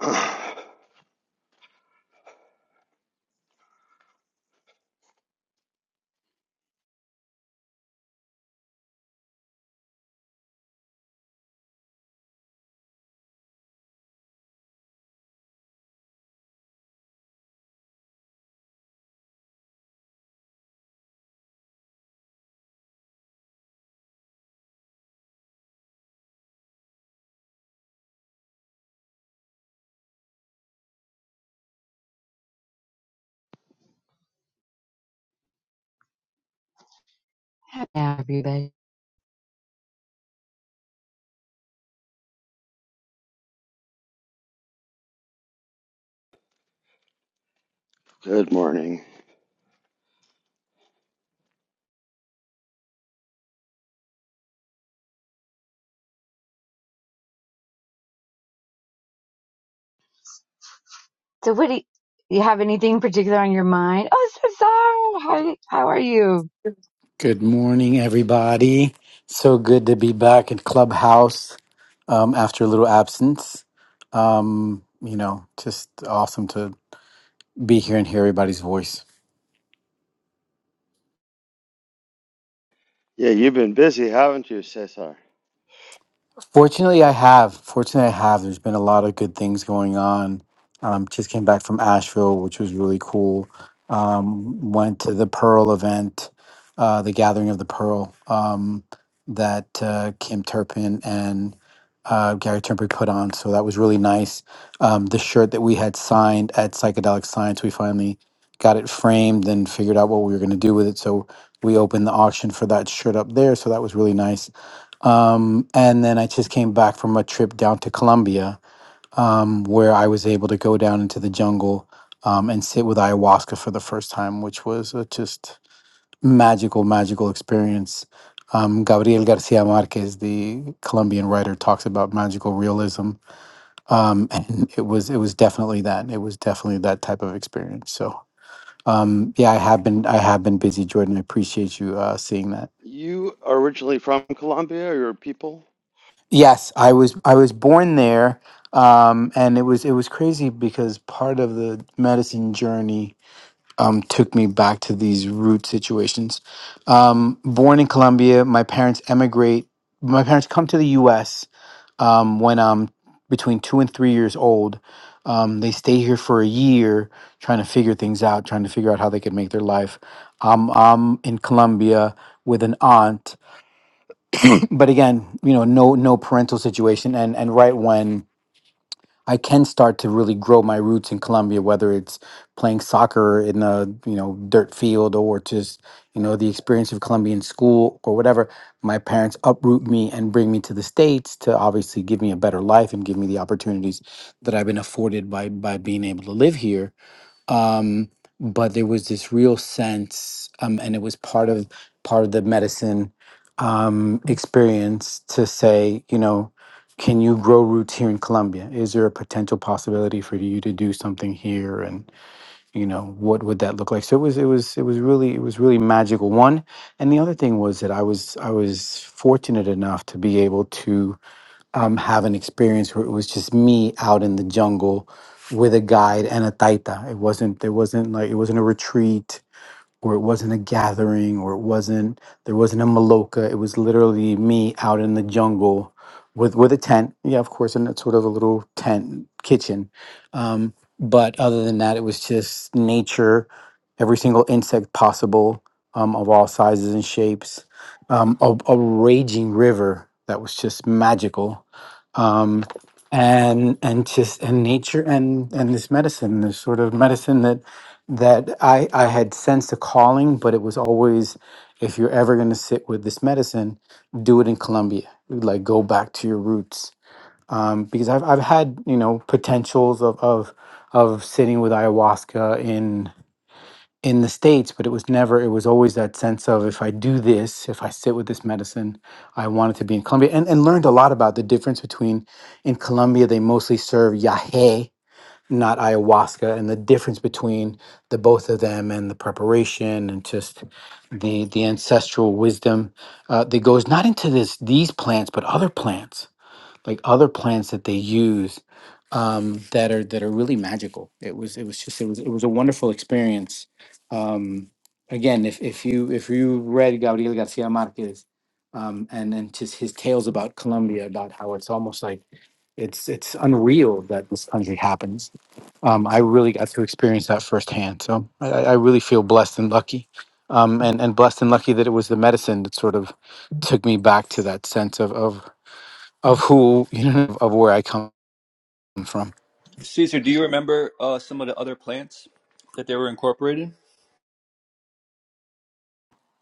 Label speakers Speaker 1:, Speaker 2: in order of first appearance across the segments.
Speaker 1: Hi, everybody.
Speaker 2: Good morning.
Speaker 1: So, what do you, you have anything in particular on your mind? Oh, so sorry. Hi, how are you?
Speaker 3: Good morning, everybody. So good to be back in Clubhouse um, after a little absence. Um, you know, just awesome to be here and hear everybody's voice.
Speaker 2: Yeah, you've been busy, haven't you, Cesar?
Speaker 3: Fortunately, I have. Fortunately, I have. There's been a lot of good things going on. Um, just came back from Asheville, which was really cool. Um, went to the Pearl event, uh, the Gathering of the Pearl, um, that uh, Kim Turpin and uh, Gary Turnberg put on. So that was really nice. Um, the shirt that we had signed at Psychedelic Science, we finally got it framed and figured out what we were going to do with it. So we opened the auction for that shirt up there. So that was really nice um, and then I just came back from a trip down to Colombia, um, where I was able to go down into the jungle um, and sit with ayahuasca for the first time, which was a just magical, magical experience. Um, Gabriel Garcia Marquez, the Colombian writer, talks about magical realism, um, and it was it was definitely that. It was definitely that type of experience. So um, yeah, I have been I have been busy, Jordan. I appreciate you uh, seeing that.
Speaker 2: You are originally from Colombia, or your people?
Speaker 3: Yes, I was I was born there, um, and it was it was crazy because part of the medicine journey um, took me back to these root situations. Um, born in Colombia, my parents emigrate. My parents come to the U.S. Um, when I'm between two and three years old. Um, they stay here for a year, trying to figure things out, trying to figure out how they could make their life. Um, I'm in Colombia with an aunt but again you know no no parental situation and and right when i can start to really grow my roots in colombia whether it's playing soccer in a you know dirt field or just you know the experience of colombian school or whatever my parents uproot me and bring me to the states to obviously give me a better life and give me the opportunities that i've been afforded by by being able to live here um, but there was this real sense, um, and it was part of part of the medicine um, experience to say, you know, can you grow roots here in Colombia? Is there a potential possibility for you to do something here? And you know, what would that look like? So it was, it was, it was really, it was really magical. One, and the other thing was that I was, I was fortunate enough to be able to um, have an experience where it was just me out in the jungle with a guide and a taita. It wasn't there wasn't like it wasn't a retreat where it wasn't a gathering or it wasn't there wasn't a maloka. It was literally me out in the jungle with with a tent. Yeah, of course, and it's sort of a little tent kitchen. Um, but other than that, it was just nature, every single insect possible, um, of all sizes and shapes, um, a, a raging river that was just magical. Um, and and just and nature and and this medicine, this sort of medicine that that I, I had sensed a calling, but it was always if you're ever going to sit with this medicine, do it in Colombia. Like go back to your roots. Um, because I've, I've had you know potentials of, of of sitting with ayahuasca in in the states, but it was never. It was always that sense of if I do this, if I sit with this medicine, I wanted to be in Colombia, and and learned a lot about the difference between in Colombia they mostly serve yahe, not ayahuasca and the difference between the both of them and the preparation and just the the ancestral wisdom uh, that goes not into this these plants but other plants like other plants that they use um, that are that are really magical. It was it was just it was it was a wonderful experience. Um, again, if if you if you read Gabriel Garcia Marquez um, and and his his tales about Colombia about how it's almost like it's it's unreal that this country happens. Um, I really got to experience that firsthand, so I, I I really feel blessed and lucky, um, and and blessed and lucky that it was the medicine that sort of took me back to that sense of of of who you know of where I come from.
Speaker 4: Caesar, do you remember uh, some of the other plants that they were incorporated?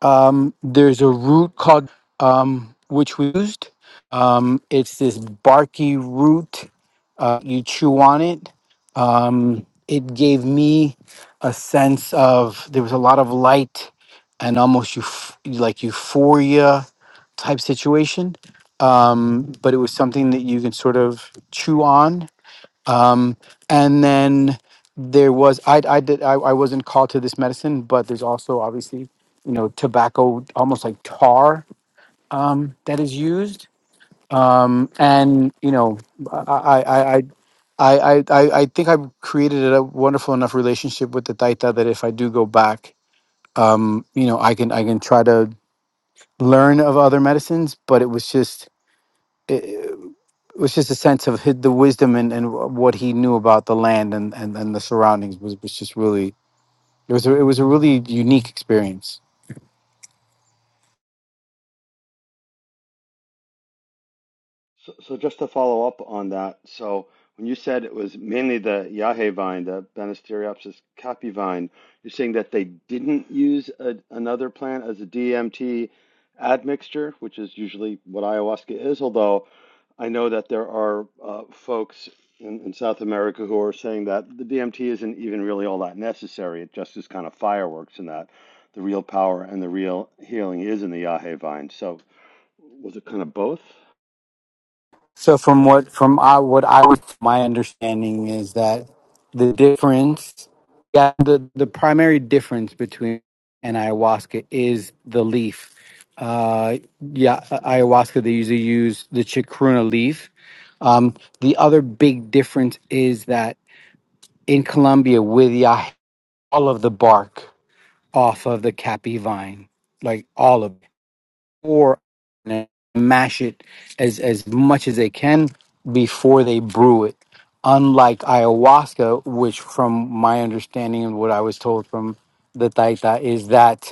Speaker 3: Um, there's a root called um, which we used. Um, it's this barky root. Uh, you chew on it. Um, it gave me a sense of there was a lot of light and almost euph- like euphoria type situation. Um, but it was something that you can sort of chew on Um, and then there was I I did I, I wasn't called to this medicine, but there's also obviously you know tobacco almost like tar um, that is used. Um, and you know I I I. I, I, I I I think I've created a wonderful enough relationship with the Taita that if I do go back, um, you know, I can I can try to learn of other medicines, but it was just it was just a sense of hid the wisdom and, and what he knew about the land and, and, and the surroundings was, was just really it was a, it was a really unique experience.
Speaker 2: So, so just to follow up on that, so when you said it was mainly the yahe vine, the Banisteriopsis capi vine, you're saying that they didn't use a, another plant as a DMT admixture, which is usually what ayahuasca is, although I know that there are uh, folks in, in South America who are saying that the DMT isn't even really all that necessary. It just is kind of fireworks, and that the real power and the real healing is in the Yahe vine. So, was it kind of both?
Speaker 3: So from what from I, what I was my understanding is that the difference yeah the, the primary difference between and ayahuasca is the leaf. Uh, yeah, ayahuasca they usually use the chacruna leaf. Um, the other big difference is that in Colombia with Yah, all of the bark. off of the cappy vine, like all of it, or mash it as as much as they can before they brew it. Unlike ayahuasca, which, from my understanding and what I was told from the Taita, is that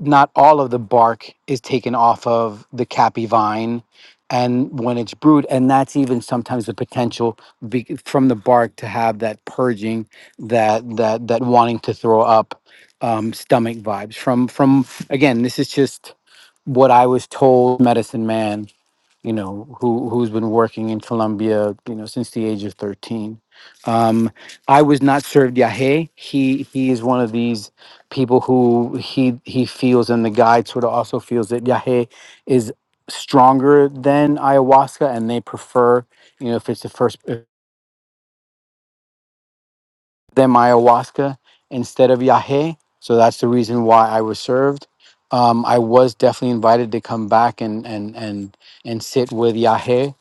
Speaker 3: not all of the bark is taken off of the cappy vine and when it's brewed and that's even sometimes the potential be, from the bark to have that purging that that that wanting to throw up um, stomach vibes from from again this is just what i was told medicine man you know, who who's been working in Colombia, you know, since the age of thirteen. Um, I was not served Yahe. He he is one of these people who he he feels, and the guide sort of also feels that Yahe is stronger than ayahuasca, and they prefer, you know, if it's the first them ayahuasca instead of Yahé. So that's the reason why I was served. Um, I was definitely invited to come back and and and and sit with Yahé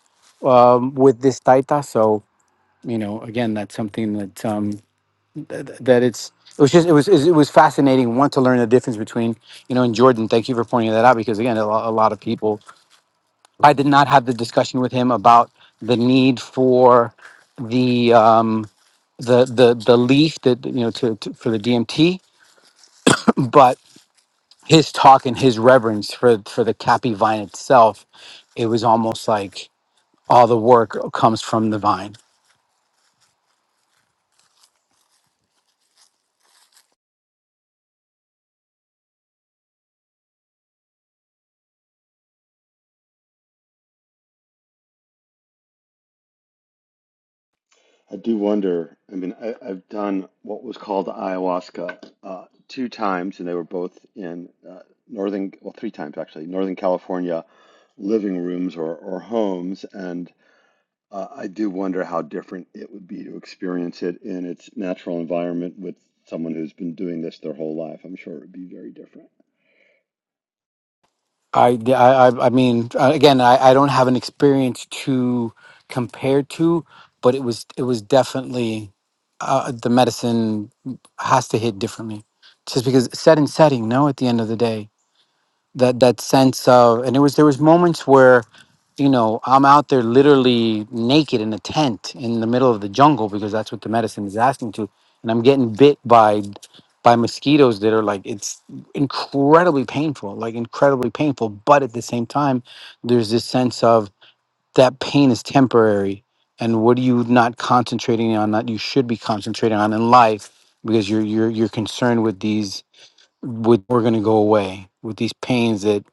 Speaker 3: um, with this Taita. So you know, again, that's something that um, th- th- that it's it was just it was it was fascinating. One to learn the difference between you know and Jordan. Thank you for pointing that out because again, a lot, a lot of people. I did not have the discussion with him about the need for the um, the the the leaf that you know to, to for the DMT, but his talk and his reverence for for the cappy vine itself, it was almost like all the work comes from the vine.
Speaker 2: I do wonder. I mean, I, I've done what was called ayahuasca uh, two times, and they were both in uh, northern, well, three times actually, Northern California living rooms or, or homes. And Uh, I do wonder how different it would be to experience it in its natural environment with someone who's been doing this their whole life. I'm sure it would be very different.
Speaker 3: I I I I mean uh, again I, I don't have an experience to compare to, but it was it was definitely uh, the medicine has to hit differently, just because set and setting. No, at the end of the day, that that sense of and it was there was moments where you know i'm out there literally naked in a tent in the middle of the jungle because that's what the medicine is asking to and i'm getting bit by by mosquitoes that are like it's incredibly painful like incredibly painful but at the same time there's this sense of that pain is temporary and what are you not concentrating on that you should be concentrating on in life because you're you're you're concerned with these with we're going to go away with these pains that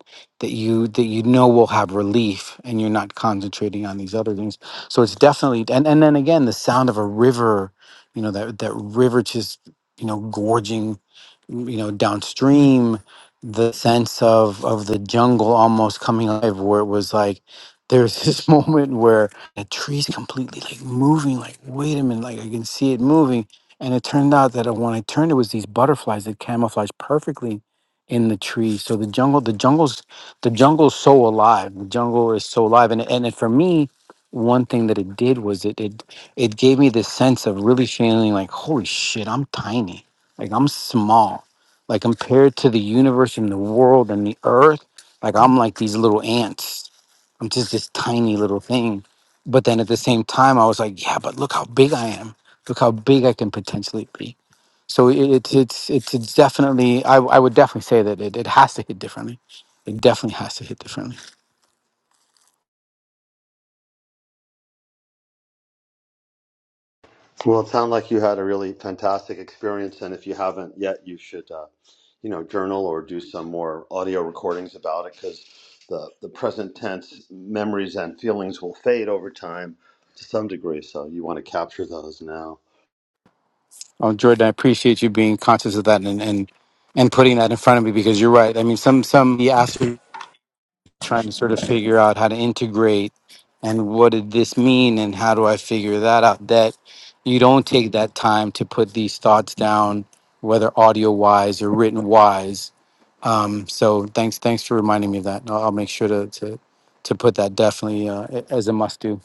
Speaker 3: that you that you know will have relief and you're not concentrating on these other things so it's definitely and and then again the sound of a river you know that that river just you know gorging you know downstream the sense of of the jungle almost coming alive where it was like there's this moment where the tree's completely like moving like wait a minute like i can see it moving and it turned out that uh, when I turned, it was these butterflies that camouflaged perfectly in the tree. So the jungle, the jungle's, the jungle's so alive. The jungle is so alive, and and it, for me, one thing that it did was it it it gave me this sense of really feeling like, holy shit, I'm tiny, like I'm small, like compared to the universe and the world and the earth, like I'm like these little ants I'm just this tiny little thing. But then at the same time, I was like, yeah, but look how big I am. Look how big I can potentially be. So it, it's it's it's it's definitely. I I would definitely say that it, it has to hit differently. It definitely has to hit differently.
Speaker 2: Well, it sounds like you had a really fantastic experience, and if you haven't yet, you should, uh, you know, journal or do some more audio recordings about it because the the present tense memories and feelings will fade over time to some degree. So you want to capture those now.
Speaker 3: Oh Jordan, I appreciate you being conscious of that and and and putting that in front of me because you're right. I mean, some some the trying to sort of figure out how to integrate and what did this mean and how do I figure that out that you don't take that time to put these thoughts down whether audio wise or written wise um, so thanks thanks for reminding me of that I'll, I'll make sure to, to to put that definitely uh, a- as a must do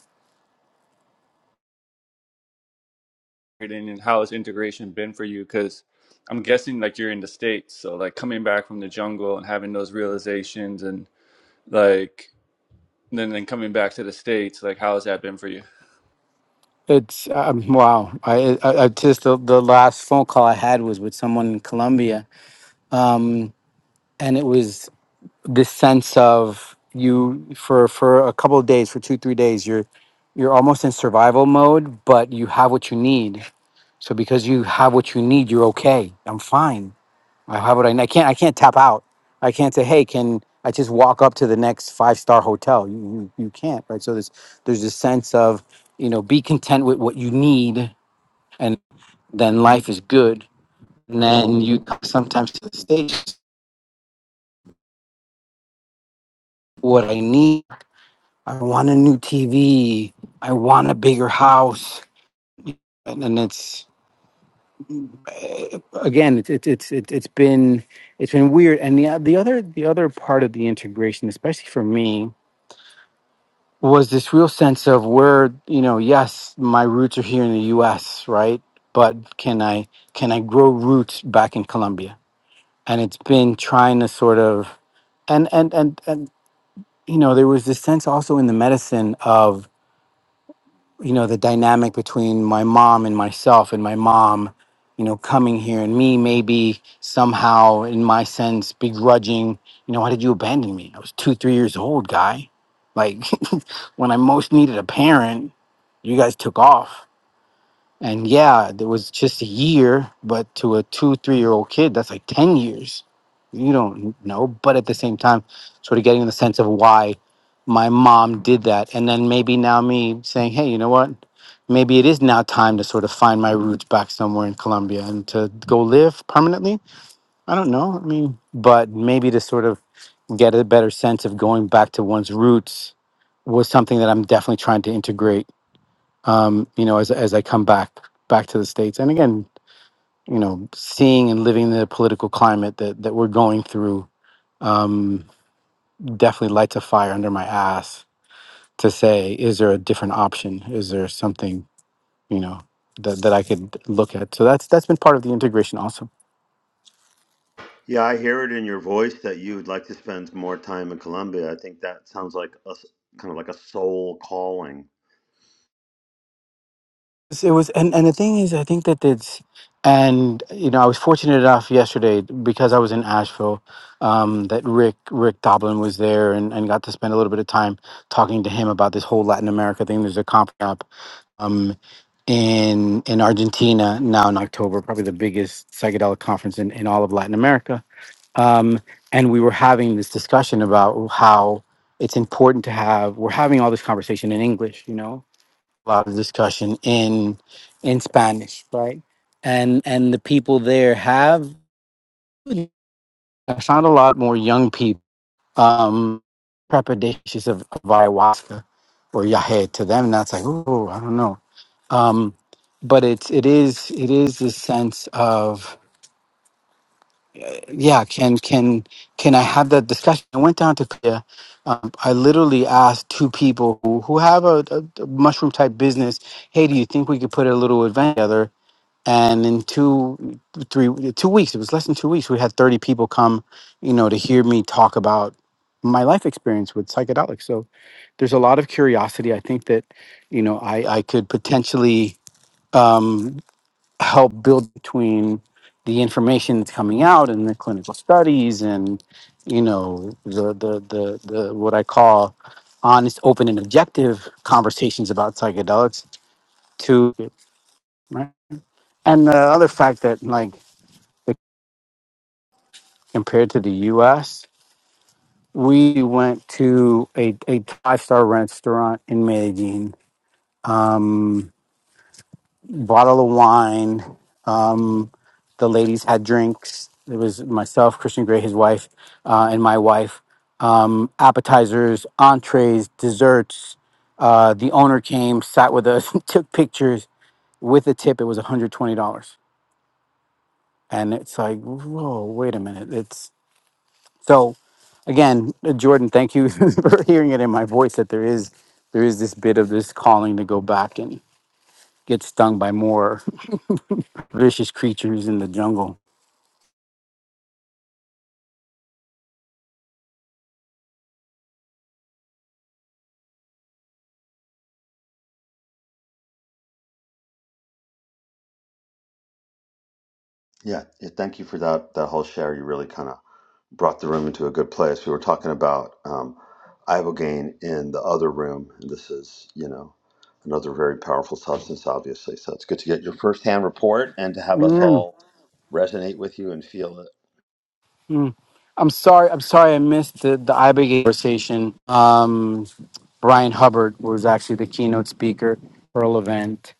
Speaker 4: And how has integration been for you? Because I'm guessing like you're in the States, so like coming back from the jungle and having those realizations and like then then coming back to the States, like how has that been for you?
Speaker 3: it's um, wow I, I, I just the, the last phone call I had was with someone in Colombia um, and it was this sense of you for for a couple of days for two three days you're you're almost in survival mode but you have what you need so because you have what you need you're okay i'm fine i have what i need i can't i can't tap out i can't say hey can i just walk up to the next five star hotel you, you you can't right so there's there's this sense of you know be content with what you need and then life is good and then you sometimes to the stage what i need I want a new TV. I want a bigger house. And, and it's eh, again, it's it's it's it's it's been it's been weird. And the the other the other part of the integration, especially for me, was this real sense of where you know, yes, my roots are here in the U.S., right? But can I can I grow roots back in Colombia? And it's been trying to sort of and and and and you know, there was this sense also in the medicine of you know the dynamic between my mom and myself and my mom you know coming here and me maybe somehow in my sense begrudging you know why did you abandon me i was two three years old guy like when i most needed a parent you guys took off and yeah, it was just a year, but to a two, three year old kid, that's like 10 years. You don't know. But at the same time, sort of getting the sense of why my mom did that. And then maybe now me saying, hey, you know what? Maybe it is now time to sort of find my roots back somewhere in Colombia and to go live permanently. I don't know. I mean, but maybe to sort of get a better sense of going back to one's roots was something that I'm definitely trying to integrate um, you know, as as I come back back to the states, and again, you know, seeing and living the political climate that that we're going through, um, definitely lights a fire under my ass to say, is there a different option? Is there something you know that that I could look at? So that's that's been part of the integration also.
Speaker 2: Yeah, I hear it in your voice that you would like to spend more time in Colombia. I think that sounds like a s- kind of like a soul calling.
Speaker 3: Yes, It was, and, and the thing is, I think that it's, and you know, I was fortunate enough yesterday because I was in Asheville, um, that Rick Rick Doblin was there, and, and got to spend a little bit of time talking to him about this whole Latin America thing. There's a comp up, um, in in Argentina now in October, probably the biggest psychedelic conference in, in all of Latin America. Um, and we were having this discussion about how it's important to have. We're having all this conversation in English, you know, a lot of discussion in in Spanish, right? And and the people there have I found a lot more young people um trepidatious of, of ayahuasca or yahe to them. That's like, oh, I don't know. Um, but it's it is it is this sense of yeah, can can can I have that discussion? I went down to Korea. Um, I literally asked two people who, who have a, a mushroom type business, hey, do you think we could put a little event together? and in two three two weeks it was less than two weeks we had 30 people come you know to hear me talk about my life experience with psychedelics so there's a lot of curiosity i think that you know i i could potentially um help build between the information that's coming out and the clinical studies and you know the the the, the what i call honest open and objective conversations about psychedelics to right? and the other fact that like compared to the US. We went to a, a five star restaurant in Medellin, um, bottle of wine. Um, the ladies had drinks. It was myself, Christian Gray, his wife, uh, and my wife. Um, appetizers, entrees, desserts. Uh, the owner came, sat with us, took pictures. With a tip, it was $120. And it's like, whoa, wait a minute. It's So again, uh, Jordan, thank you for hearing it in my voice that there is there is this bit of this calling to go back and get stung by more vicious creatures in the jungle.
Speaker 2: Yeah, yeah thank you for that that whole share. You really kind of brought the room into a good place. We were talking about um, ibogaine in the other room, and this is you know another very powerful substance, obviously. So it's good to get your firsthand report and to have us
Speaker 3: Mm,
Speaker 2: all resonate with you and feel it.
Speaker 3: mm. I'm sorry. I'm sorry. I missed the the IBA conversation. Um, Brian Hubbard was actually the keynote speaker for a event,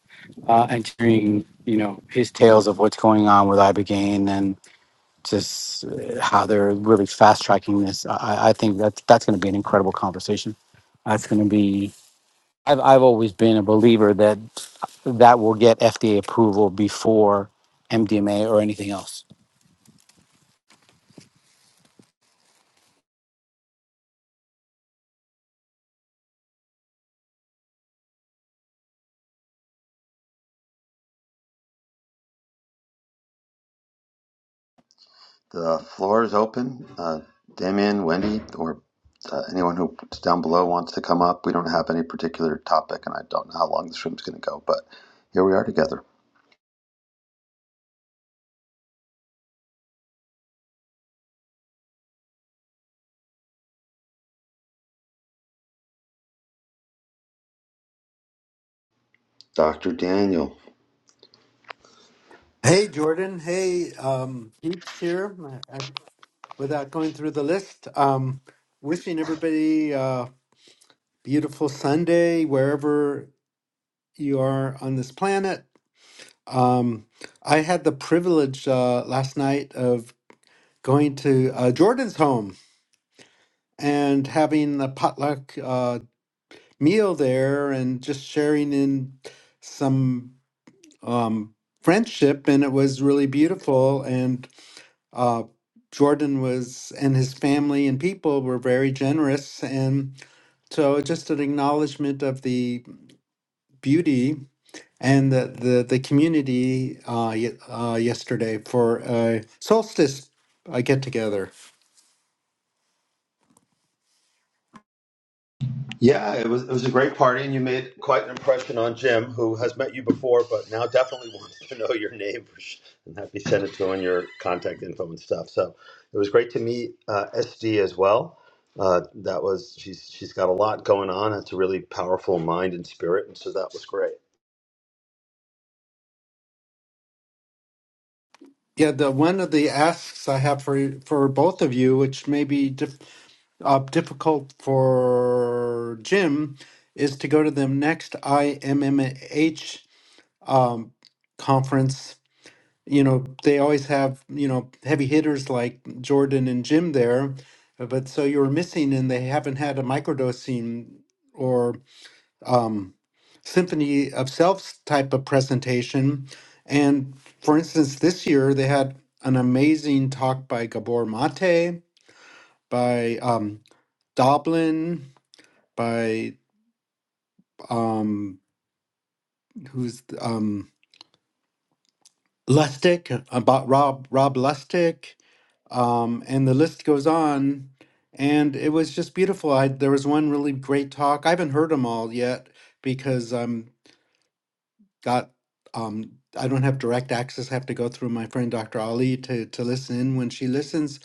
Speaker 3: uh, and hearing you know his tales of what's going on with ibogaine just uh, how they're really fast tracking this. I, I I think that's that's going to be an incredible conversation. That's going to be. I've I've always been a believer that that will get FDA approval before MDMA or anything else.
Speaker 2: The floor is open. Uh, Damien, Wendy, or uh, anyone who's down below wants to come up. We don't have any particular topic, and I don't know how long this room's going to go, but here we are together. Dr. Daniel.
Speaker 5: Hey, Jordan. Hey, um, Peeps here. I, I- without going through the list, um, wishing everybody a beautiful Sunday wherever you are on this planet. Um, I had the privilege uh, last night of going to uh, Jordan's home and having a potluck uh, meal there and just sharing in some um, friendship, and it was really beautiful. And Uh, Jordan was, and his family and people were very generous. And so just an acknowledgement of the beauty and the, the, the community uh, ye- uh, yesterday for a solstice uh, get together.
Speaker 2: Yeah, it was it was a great party, and you made quite an impression on Jim, who has met you before, but now definitely wants to know your name for sh- and have you send it to him your contact info and stuff. So it was great to meet uh, SD as well. Uh, that was she's she's got a lot going on. It's a really powerful mind and spirit, and so that was great.
Speaker 5: Yeah, the one of the asks I have for for both of you, which may be dif- uh, difficult for Jim, is to go to the next IMMH um, conference you know, they always have, you know, heavy hitters like Jordan and Jim there, uh, but so you're missing and they haven't had a microdosing or um, symphony of selves type of presentation. And for instance, this year they had an amazing talk by Gabor Mate, by um, Doblin, by um, who's um, Lustig, about Rob Rob Lustig, um, and the list goes on. And it was just beautiful. I there was one really great talk. I haven't heard them all yet because I'm got um, I don't have direct access. I have to go through my friend Dr. Ali to to listen in when she listens.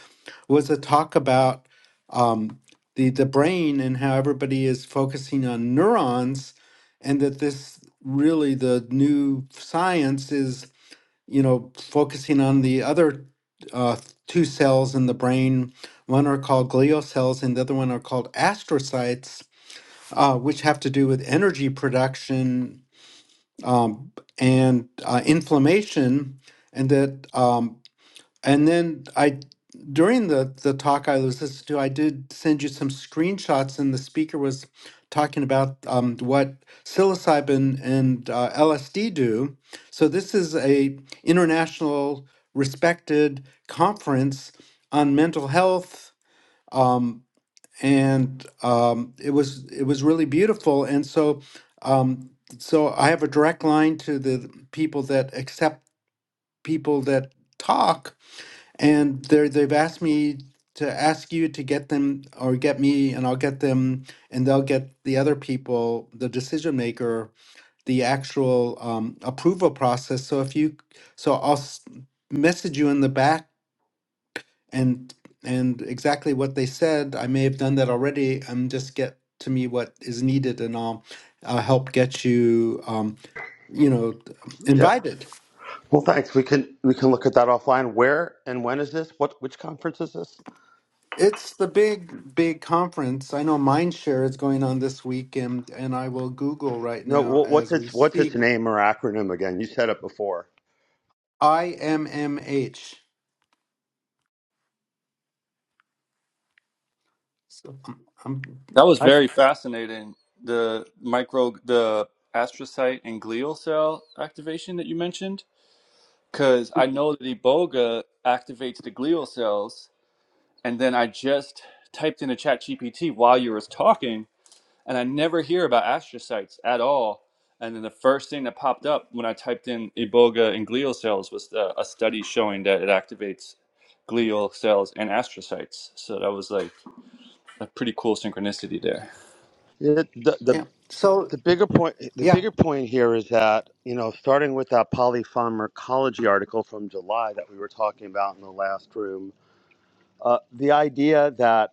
Speaker 5: Was a talk about um, the the brain and how everybody is focusing on neurons, and that this really the new science is you know, focusing on the other uh, two cells in the brain. One are called glial cells, and the other one are called astrocytes, uh, which have to do with energy production um, and uh, inflammation. And that um, and then I, during the the talk I was listening to, I did send you some screenshots, and the speaker was talking about um, what psilocybin and uh, LSD do. So this is a international respected conference on mental health, um, and um, it was it was really beautiful. And so, um, so I have a direct line to the people that accept people that talk and they they've asked me to ask you to get them or get me and I'll get them and they'll get the other people the decision maker the actual um, approval process so if you so I'll s- message you in the back and and exactly what they said I may have done that already um just get to me what is needed and I'll I'll help get you um you know
Speaker 2: Yeah.
Speaker 5: invited
Speaker 2: Well, thanks. We can we can look at that offline. Where and when is this? What which conference is this?
Speaker 5: It's the big, big conference. I know Mindshare is going on this week, and, and I will Google right
Speaker 2: No,
Speaker 5: now
Speaker 2: wh- what's
Speaker 5: as we
Speaker 2: its what's its
Speaker 5: speak.
Speaker 2: name or acronym again? You said it before.
Speaker 5: IMMH. So I'm, I'm
Speaker 4: That was
Speaker 5: I,
Speaker 4: very fascinating. The micro the astrocyte and glial cell activation that you mentioned. Because I know that Iboga activates the glial cells and then I just typed into ChatGPT while you was talking, and I never hear about astrocytes at all. And then the first thing that popped up when I typed in iboga and glial cells was uh, a study showing that it activates glial cells and astrocytes. So that was like a pretty cool synchronicity there.
Speaker 2: It, the, the
Speaker 5: yeah. So
Speaker 2: the bigger point the
Speaker 5: yeah.
Speaker 2: bigger point here is that you know starting with that polypharmacology article from july that we were talking about in the last room uh, the idea that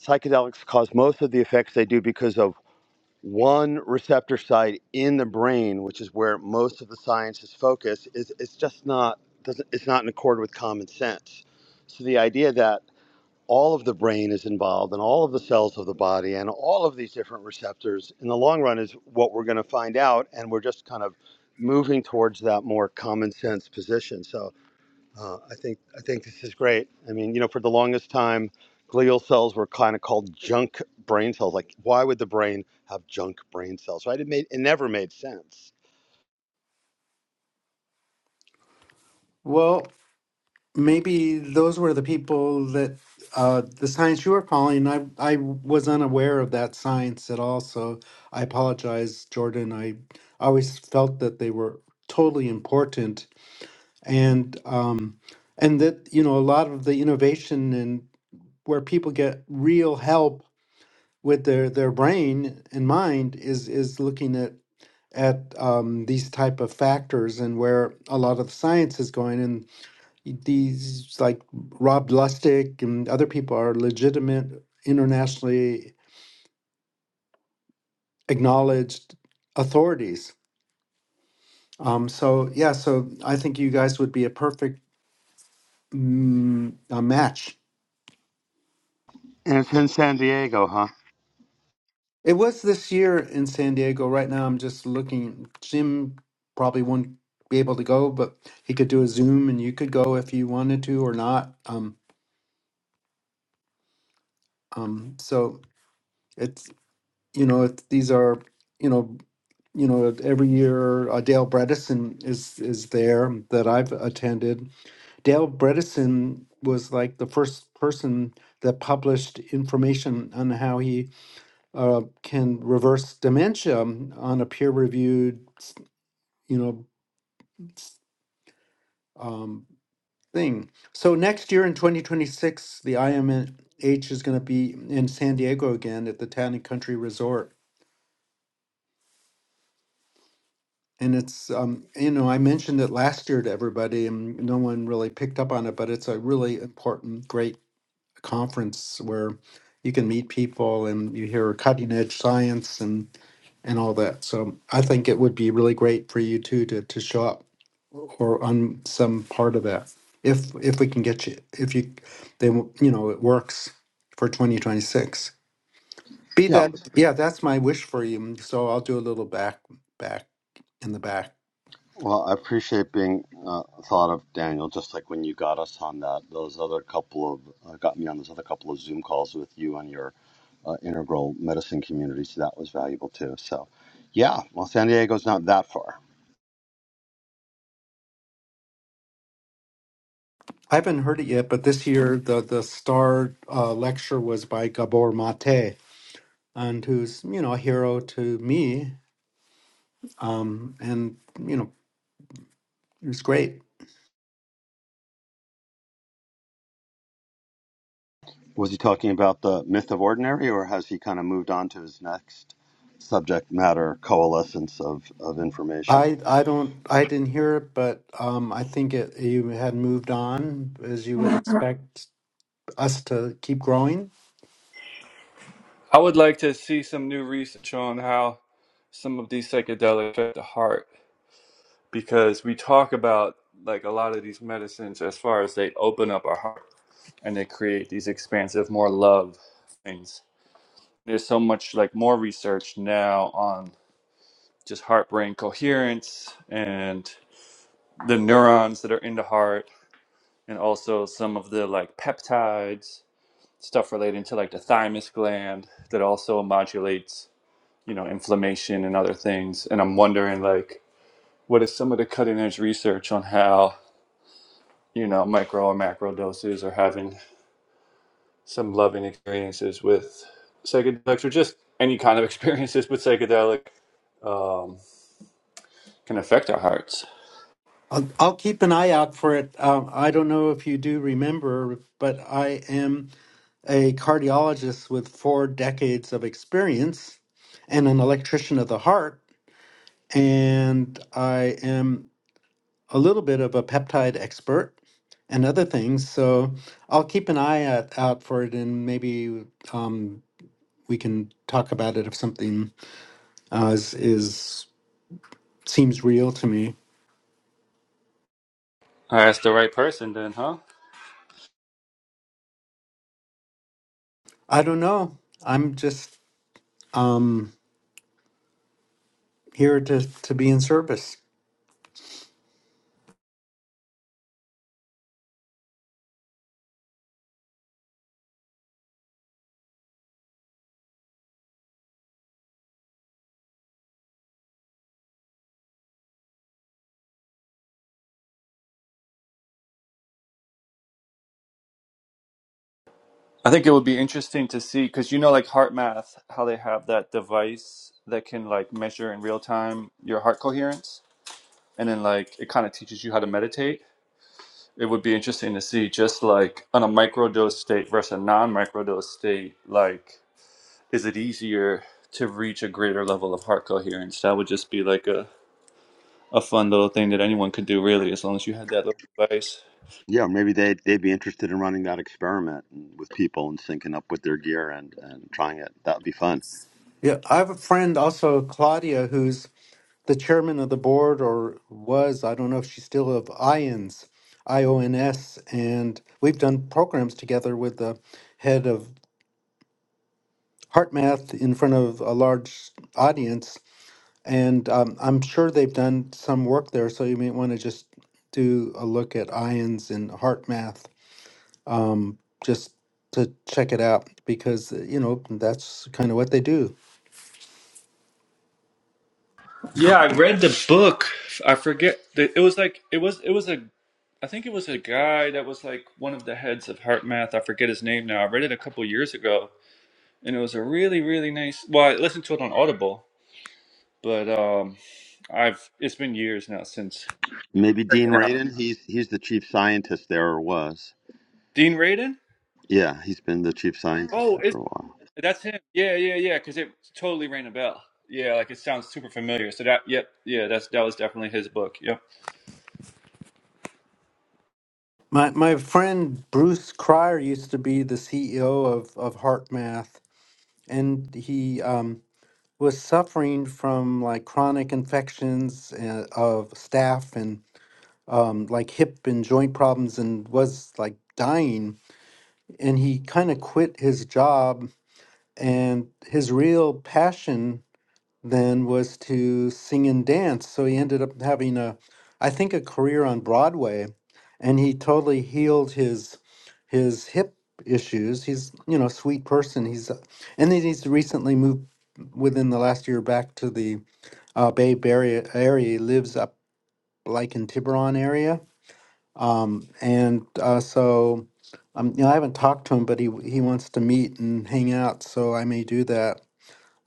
Speaker 2: psychedelics cause most of the effects they do because of one receptor site in the brain which is where most of the science is focused is it's just not doesn't it's not in accord with common sense so the idea that all of the brain is involved and all of the cells of the body and all of these different receptors in the long run is what we're going to find out and we're just kind of moving towards that more common sense position so uh, i think i think this is great i mean you know for the longest time glial cells were kind of called junk brain cells like why would the brain have junk brain cells right it made it never made sense
Speaker 5: Well, maybe those were the people that uh, the science you were calling. I I was unaware of that science at all. So I apologize, Jordan. I always felt that they were totally important and um, and that you know a lot of the innovation and where people get real help with their their brain and mind is is looking at at um, these type of factors and where a lot of the science is going and these like Rob Lustig and other people are legitimate internationally acknowledged authorities. Um, so yeah, so I think you guys would be a perfect mm, a match.
Speaker 2: and it's in san diego huh
Speaker 5: It was this year in San Diego. Right now, I'm just looking. Jim probably won't be able to go, but he could do a Zoom, and you could go if you wanted to or not. Um, um. So it's you know it's, these are you know you know every year uh, Dale Bredesen is is there that I've attended. Dale Bredesen was like the first person that published information on how he uh, can reverse dementia on a peer reviewed you know, s- um, thing. So next year in 2026, the IMH is going to be in San Diego again at the Town and Country Resort. And it's, um, you know, I mentioned it last year to everybody and no one really picked up on it, but it's a really important, great conference where you can meet people and you hear cutting edge science and all that. So I think it would be really great for you too to to show up or on some part of that. If if we can get you, if you, they will- you know it works for 2026. Be
Speaker 2: yeah
Speaker 5: that yeah, that's my wish for you. So I'll do a little back back in the back.
Speaker 2: Well, I appreciate being uh, thought of, Daniel. Just like when you got us on that, those other couple of uh, got me on those other couple of Zoom calls with you and your uh, integral medicine community. So that was valuable too. So, yeah. Well, San Diego's not that far.
Speaker 5: I haven't heard it yet, but this year the the star uh, lecture was by Gabor Mate, and who's you know a hero to me, um, and you know it was great
Speaker 2: Was he talking about the myth of ordinary, or has he kind of moved on to his next subject matter coalescence of, of information?
Speaker 5: I I don't I didn't hear it, but um, I think it you had moved on as you would expect us to keep growing.
Speaker 4: I would like to see some new research on how some of these psychedelics affect the heart because we talk about like a lot of these medicines as far as they open up our heart and they create these expansive, more love things. There's so much like more research now on just heart brain coherence and the neurons that are in the heart, and also some of the like peptides stuff relating to like the thymus gland that also modulates you know inflammation and other things. And I'm wondering like what is some of the cutting edge research on how you know micro and macro doses are having some loving experiences with psychedelics or just any kind of experiences with psychedelic um, can affect our hearts.
Speaker 5: I'll, I'll keep an eye out for it. Um, I don't know if you do remember, but I am a cardiologist with four decades of experience and an electrician of the heart, and I am a little bit of a peptide expert and other things. So I'll keep an eye out, out for it, and maybe. Um, we can talk about it if something uh, is, is seems real to me.
Speaker 4: I asked the right person then, huh?
Speaker 5: I don't know. I'm just um, here to to be in service.
Speaker 4: I think it would be interesting to see because you know, like heart math, how they have that device that can like measure in real time your heart coherence, and then like it kind of teaches you how to meditate. It would be interesting to see just like on a microdose state versus a non-microdose state, like is it easier to reach a greater level of heart coherence? That would just be like a, a fun little thing that anyone could do, really, as long as you had that little device.
Speaker 2: Yeah, maybe they'd, they'd be interested in running that experiment with people and syncing up with their gear and, and trying it. That would be fun.
Speaker 5: Yeah, I have a friend also, Claudia, who's the chairman of the board or was. I don't know if she's still of IONS, I O N S, and we've done programs together with the head of HeartMath in front of a large audience And um, I'm sure they've done some work there, so you may want to just do a look at ions and heart math um, just to check it out because, uh, you know, that's kind of what they do.
Speaker 4: Yeah, I read the book. I forget. The, it was like it was it was a I think it was a guy that was like one of the heads of heart math. I forget his name now. I read it a couple years ago, and it was a really really nice. Well, I listened to it on Audible, but um, I've it's been years now since
Speaker 2: Maybe Dean
Speaker 4: checking out
Speaker 2: Radin. He's he's the chief scientist there or was.
Speaker 4: Dean Radin.
Speaker 2: Yeah, he's been the chief scientist
Speaker 4: Oh,
Speaker 2: there
Speaker 4: is
Speaker 2: for a while.
Speaker 4: That's him. Yeah, yeah, yeah. Because it totally rang a bell. Yeah, like it sounds super familiar. So that, yep, yeah, that's that was definitely his book. Yep.
Speaker 5: My, my friend Bruce Cryer used to be the CEO of, of Heart Math, and he um, was suffering from like chronic infections uh, of staph and um, like hip and joint problems and was like dying and he kind of quit his job and his real passion then was to sing and dance so he ended up having a i think a career on broadway and he totally healed his his hip issues he's you know a sweet person he's uh, and then he's recently moved within the last year back to the uh, bay area area he lives up like in tiburon area um, and uh, so, um, you know, I haven't talked to him, but he he wants to meet and hang out, so I may do that.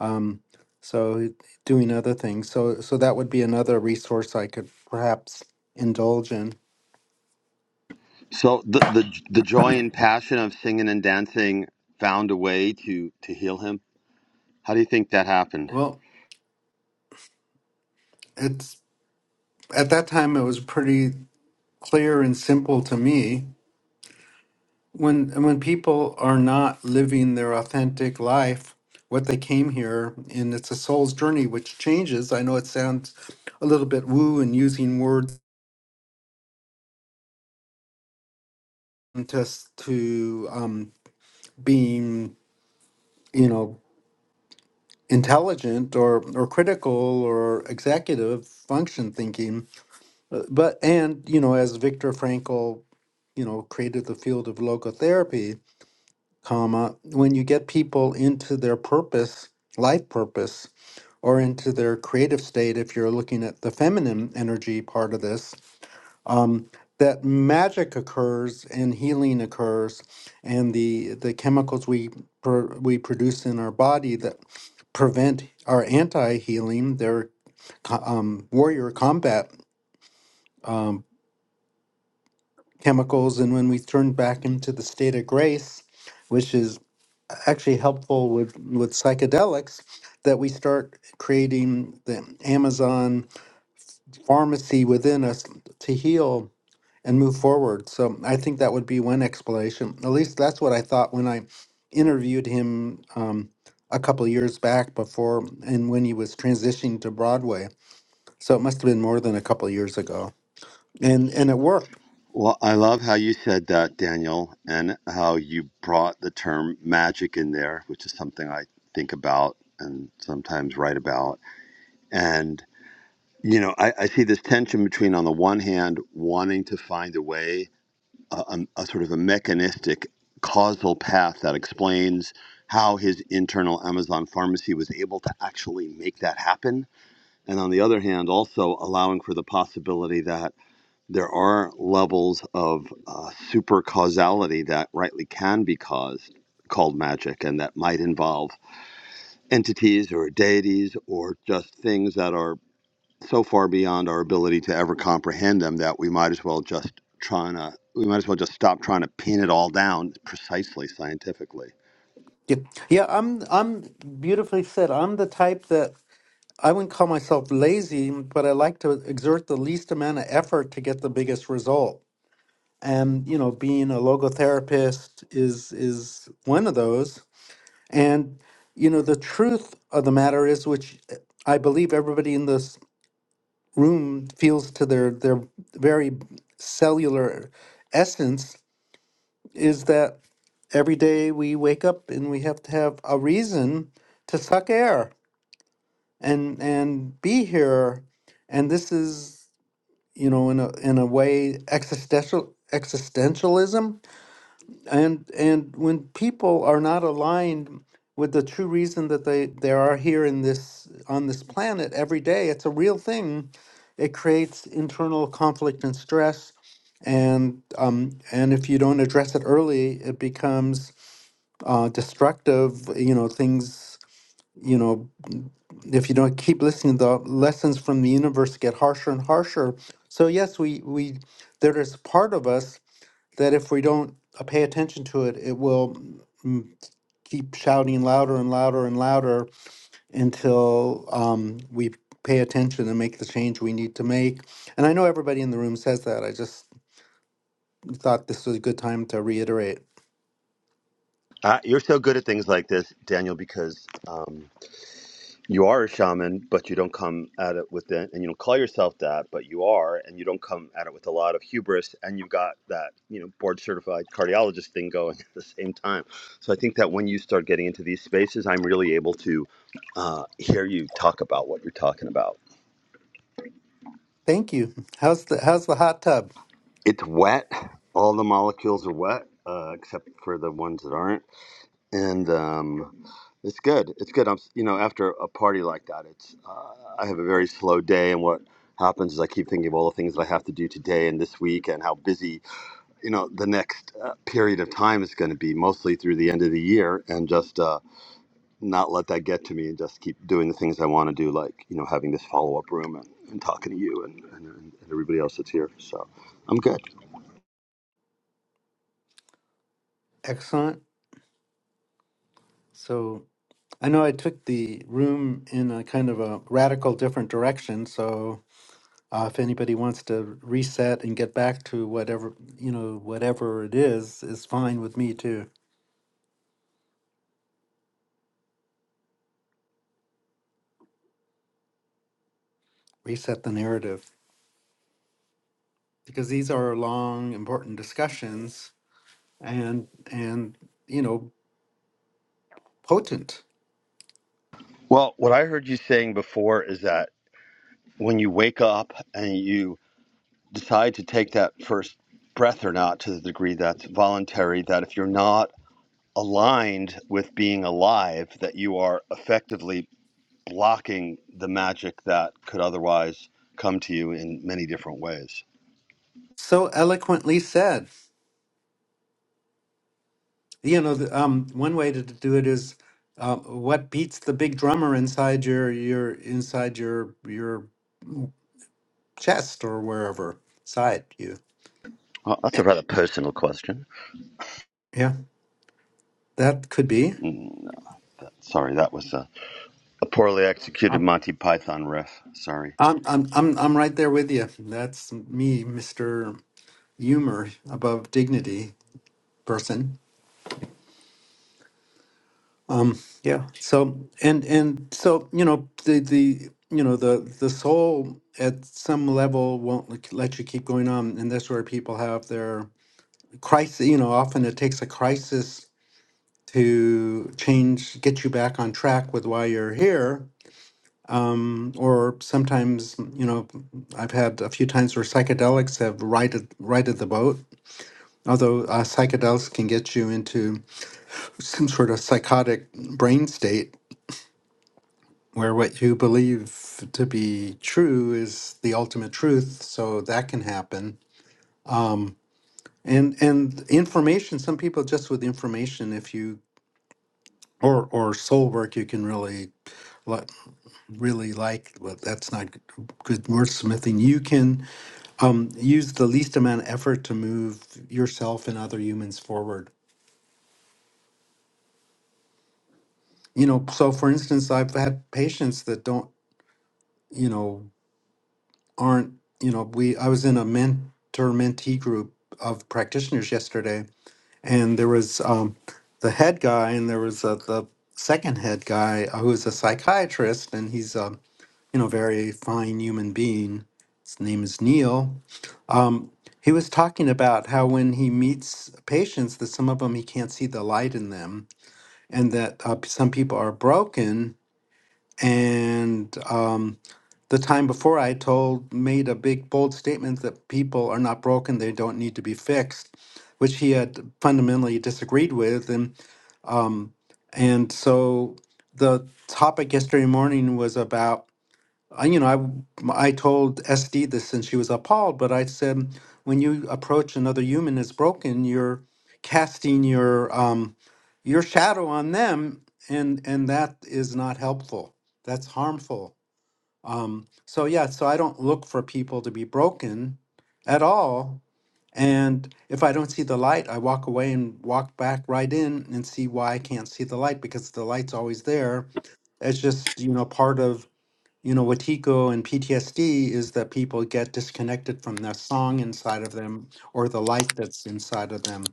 Speaker 5: Um, so doing other things, so so that would be another resource I could perhaps indulge in.
Speaker 2: So the the the joy and passion of singing and dancing found a way to to heal him. How do you think that happened?
Speaker 5: Well, it's at that time it was pretty clear and simple to me. When and when people are not living their authentic life, what they came here, and it's a soul's journey which changes. I know it sounds a little bit woo and using words just to um, being you know intelligent or or critical or executive function thinking Uh, but and you know as Viktor Frankl you know created the field of logotherapy comma when you get people into their purpose life purpose or into their creative state if you're looking at the feminine energy part of this um, that magic occurs and healing occurs, and the the chemicals we pr- we produce in our body that prevent our anti healing, their um, warrior combat um, chemicals, and when we turn back into the state of grace, which is actually helpful with with psychedelics, that we start creating the Amazon pharmacy within us to heal and move forward. So I think that would be one explanation. At least that's what I thought when I interviewed him um, a couple years back before and when he was transitioning to Broadway. So it must have been more than a couple years ago. And and it worked.
Speaker 2: Well, I love how you said that, Daniel, and how you brought the term magic in there, which is something I think about and sometimes write about. And you know, I, I see this tension between on the one hand wanting to find a way a, a sort of a mechanistic causal path that explains how his internal Amazon pharmacy was able to actually make that happen. And on the other hand, also allowing for the possibility that there are levels of uh, super causality that rightly can be caused, called magic, and that might involve entities or deities or just things that are so far beyond our ability to ever comprehend them that we might as well just trying to we might as well just stop trying to pin it all down precisely scientifically.
Speaker 5: Yeah, yeah, I'm I'm beautifully said. I'm the type that I wouldn't call myself lazy, but I like to exert the least amount of effort to get the biggest result. And you know, being a logotherapist is is one of those And, you know, the truth of the matter is, which I believe everybody in this room feels to their, their very cellular essence, is that every day we wake up and we have to have a reason to suck air and and be here. And this is, you know, in a in a way existential existentialism and and when people are not aligned with the true reason that they they are here in this on this planet every day it's a real thing it creates internal conflict and stress and um and if you don't address it early it becomes uh destructive you know things you know if you don't keep listening the lessons from the universe get harsher and harsher so yes we we there is part of us that if we don't uh, pay attention to it, it will mm, keep shouting louder and louder and louder until um, we pay attention and make the change we need to make. And I know everybody in the room says that. I just thought this was a good time to reiterate.
Speaker 2: Uh, you're so good at things like this, Daniel, because um, you are a shaman, but you don't come at it with it, and you don't call yourself that, but you are, and you don't come at it with a lot of hubris, and you've got that you know board certified cardiologist thing going at the same time. So I think that when you start getting into these spaces, I'm really able to uh, hear you talk about what you're talking about.
Speaker 5: Thank you. How's the how's the hot tub?
Speaker 2: It's wet. All the molecules are wet, uh, except for the ones that aren't. And um, it's good. It's good. I'm, s- you know, after a party like that, it's uh, I have a very slow day, and what happens is I keep thinking of all the things that I have to do today and this week, and how busy, you know, the next uh, period of time is going to be, mostly through the end of the year, and just uh, not let that get to me, and just keep doing the things I want to do, like you know, having this follow up room and, and talking to you and, and, and everybody else that's here. So I'm good.
Speaker 5: Excellent. So I know I took the room in a kind of a radical different direction. So Uh, if anybody wants to reset and get back to whatever, you know, whatever it is, is fine with me too. Reset the narrative because these are long, important discussions and, and, you know, potent.
Speaker 2: Well, what I heard you saying before is that when you wake up and you decide to take that first breath or not to the degree that's voluntary, that if you're not aligned with being alive, that you are effectively blocking the magic that could otherwise come to you in many different ways.
Speaker 5: So eloquently said. You know, the, um, one way to do it is uh, what beats the big drummer inside your, your, inside your, your chest or wherever, side you.
Speaker 2: Well, that's a rather personal question.
Speaker 5: Yeah, that could be.
Speaker 2: Mm, sorry, that was a, a poorly executed Monty Python riff. Sorry.
Speaker 5: I'm I'm I'm I'm right there with you. That's me, Mr. Humor above dignity person. Um yeah. So and and so, you know, the the you know, the the soul at some level won't let let you keep going on and that's where people have their crisis, you know, often it takes a crisis to change get you back on track with why you're here um, or sometimes you know i've had a few times where psychedelics have righted righted the boat Although uh, psychedelics can get you into some sort of psychotic brain state where what you believe to be true is the ultimate truth, so that can happen. And and information, some people just with information, if you or or soul work, you can really li- really like. Well, that's not g- good wordsmithing. You can um, use the least amount of effort to move yourself and other humans forward you know so for instance i've had patients that don't you know, aren't, you know, we, I was in a mentor mentee group of practitioners yesterday, and there was um, the head guy, and there was uh, the second head guy uh, who is a psychiatrist, and he's a, you know, very fine human being. His name is Neil. Um, he was talking about how when he meets patients, that some of them he can't see the light in them, and that uh, some people are broken, and um, the time before I told made a big bold statement that people are not broken, they don't need to be fixed, which he had fundamentally disagreed with. And um, and so the topic yesterday morning was about I- you know I I told SD this and she was appalled, but I said when you approach another human as broken, you're casting your um, your shadow on them, and and that is not helpful. That's harmful um, so yeah, so I don't look for people to be broken at all. And if I don't see the light, I walk away and walk back right in and see why I can't see the light because the light's always there. It's just, you know, part of, you know, Watiko and PTSD is that people get disconnected from the song inside of them or the light that's inside of them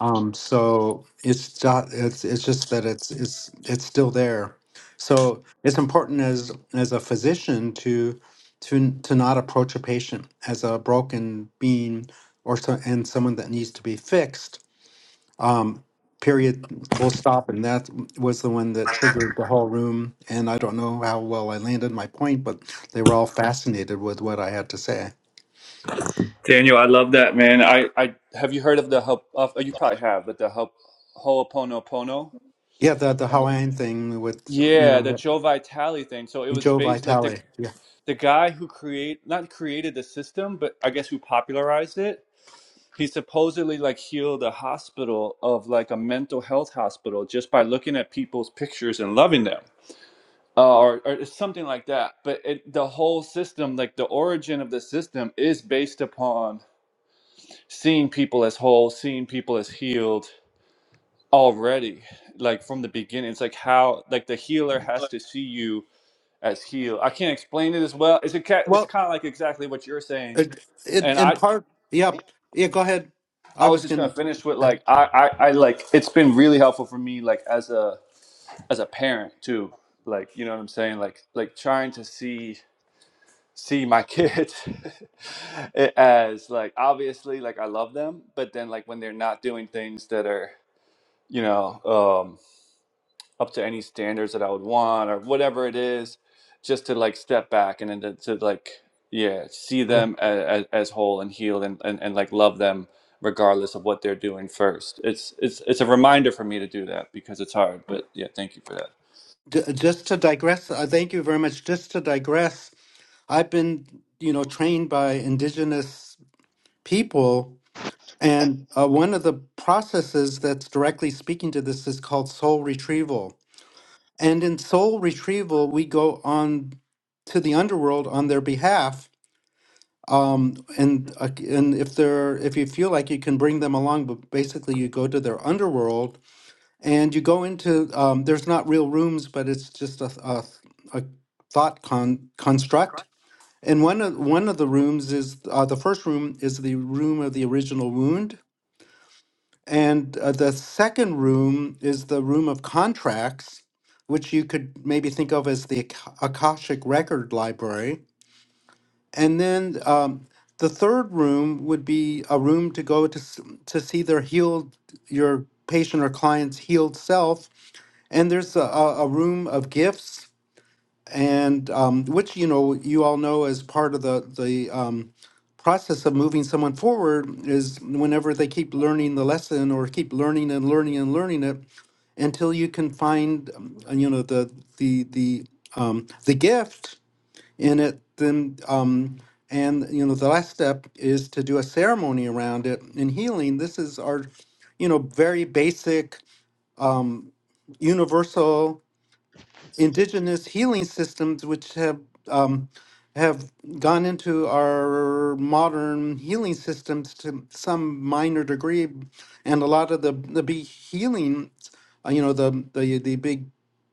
Speaker 5: um, so it's not, it's it's just that it's it's it's still there. So it's important as as a physician to to to not approach a patient as a broken being or so, and someone that needs to be fixed. Um, period. Full stop. And that was the one that triggered the whole room. And I don't know how well I landed my point, but they were all fascinated with what I had to say.
Speaker 4: Daniel, I love that man. I, I have you heard of the help? Of, you probably have, but the help Ho'oponopono.
Speaker 5: Yeah, the the
Speaker 4: And it-
Speaker 5: Hawaiian thing with you
Speaker 4: yeah, the
Speaker 5: know
Speaker 4: Joe Vitale thing. So it was
Speaker 5: Joe
Speaker 4: based like the
Speaker 5: Vitale. Yeah.
Speaker 4: the guy who create not created the system, but I guess who popularized it. He supposedly like healed a hospital of like a mental health hospital just by looking at people's pictures and loving them. uh, or, or something like that. But it, the whole system, like the origin of the system, is based upon seeing people as whole, seeing people as healed already, like from the beginning. It's like how, like the healer has to see you as healed. I can't explain it as well. It's a, ca-
Speaker 5: Well,
Speaker 4: it's kind of like exactly what you're saying.
Speaker 5: It, it,
Speaker 4: And
Speaker 5: in
Speaker 4: I,
Speaker 5: part, yeah, Yeah, go ahead.
Speaker 4: I
Speaker 5: I
Speaker 4: was
Speaker 5: was
Speaker 4: just gonna
Speaker 5: going
Speaker 4: finish with like I, I, I like it's been really helpful for me like as a as a parent too. Like you know what I'm saying? Like like trying to see see my kids as like obviously like I love them, but then like when they're not doing things that are you know um, up to any standards that I would want or whatever it is, just to like step back and then to, to like yeah see
Speaker 5: to
Speaker 4: them as, as whole and healed and, and and like love them regardless of what they're doing first. It's it's it's a reminder for me to do that because it's hard. But yeah, thank you for that.
Speaker 5: just to digress. Uh, thank you very much. Just to digress, I've been, you know, trained by indigenous people, and uh, one of the processes that's directly speaking to this is called soul retrieval. And in soul retrieval, we go on to the underworld on their behalf. Um, and uh, and if they're if you feel like you can bring them along, but basically you go to their underworld And you go into, um, there's not real rooms, but it's just a, a, a thought con- construct. And one of, one of the rooms is, uh, the first room is the room of the original wound. And uh, the second room is the room of contracts, which you could maybe think of as the Ak- Akashic Record Library. And then um, the third room would be a room to go to, s- to see their healed, your patient or client's healed self and there's a, a a room of gifts, and um, which you know you all know as part of the the um, process of moving someone forward is whenever they keep learning the lesson or keep learning and learning and learning it until you can find um, you know the the the um, the gift in it. Then um, and you know the last step is to do a ceremony around it in healing. This is our you know very basic um, universal indigenous healing systems which have um, have gone into our modern healing systems to some minor degree and a lot of the the big healing uh, you know the the, the big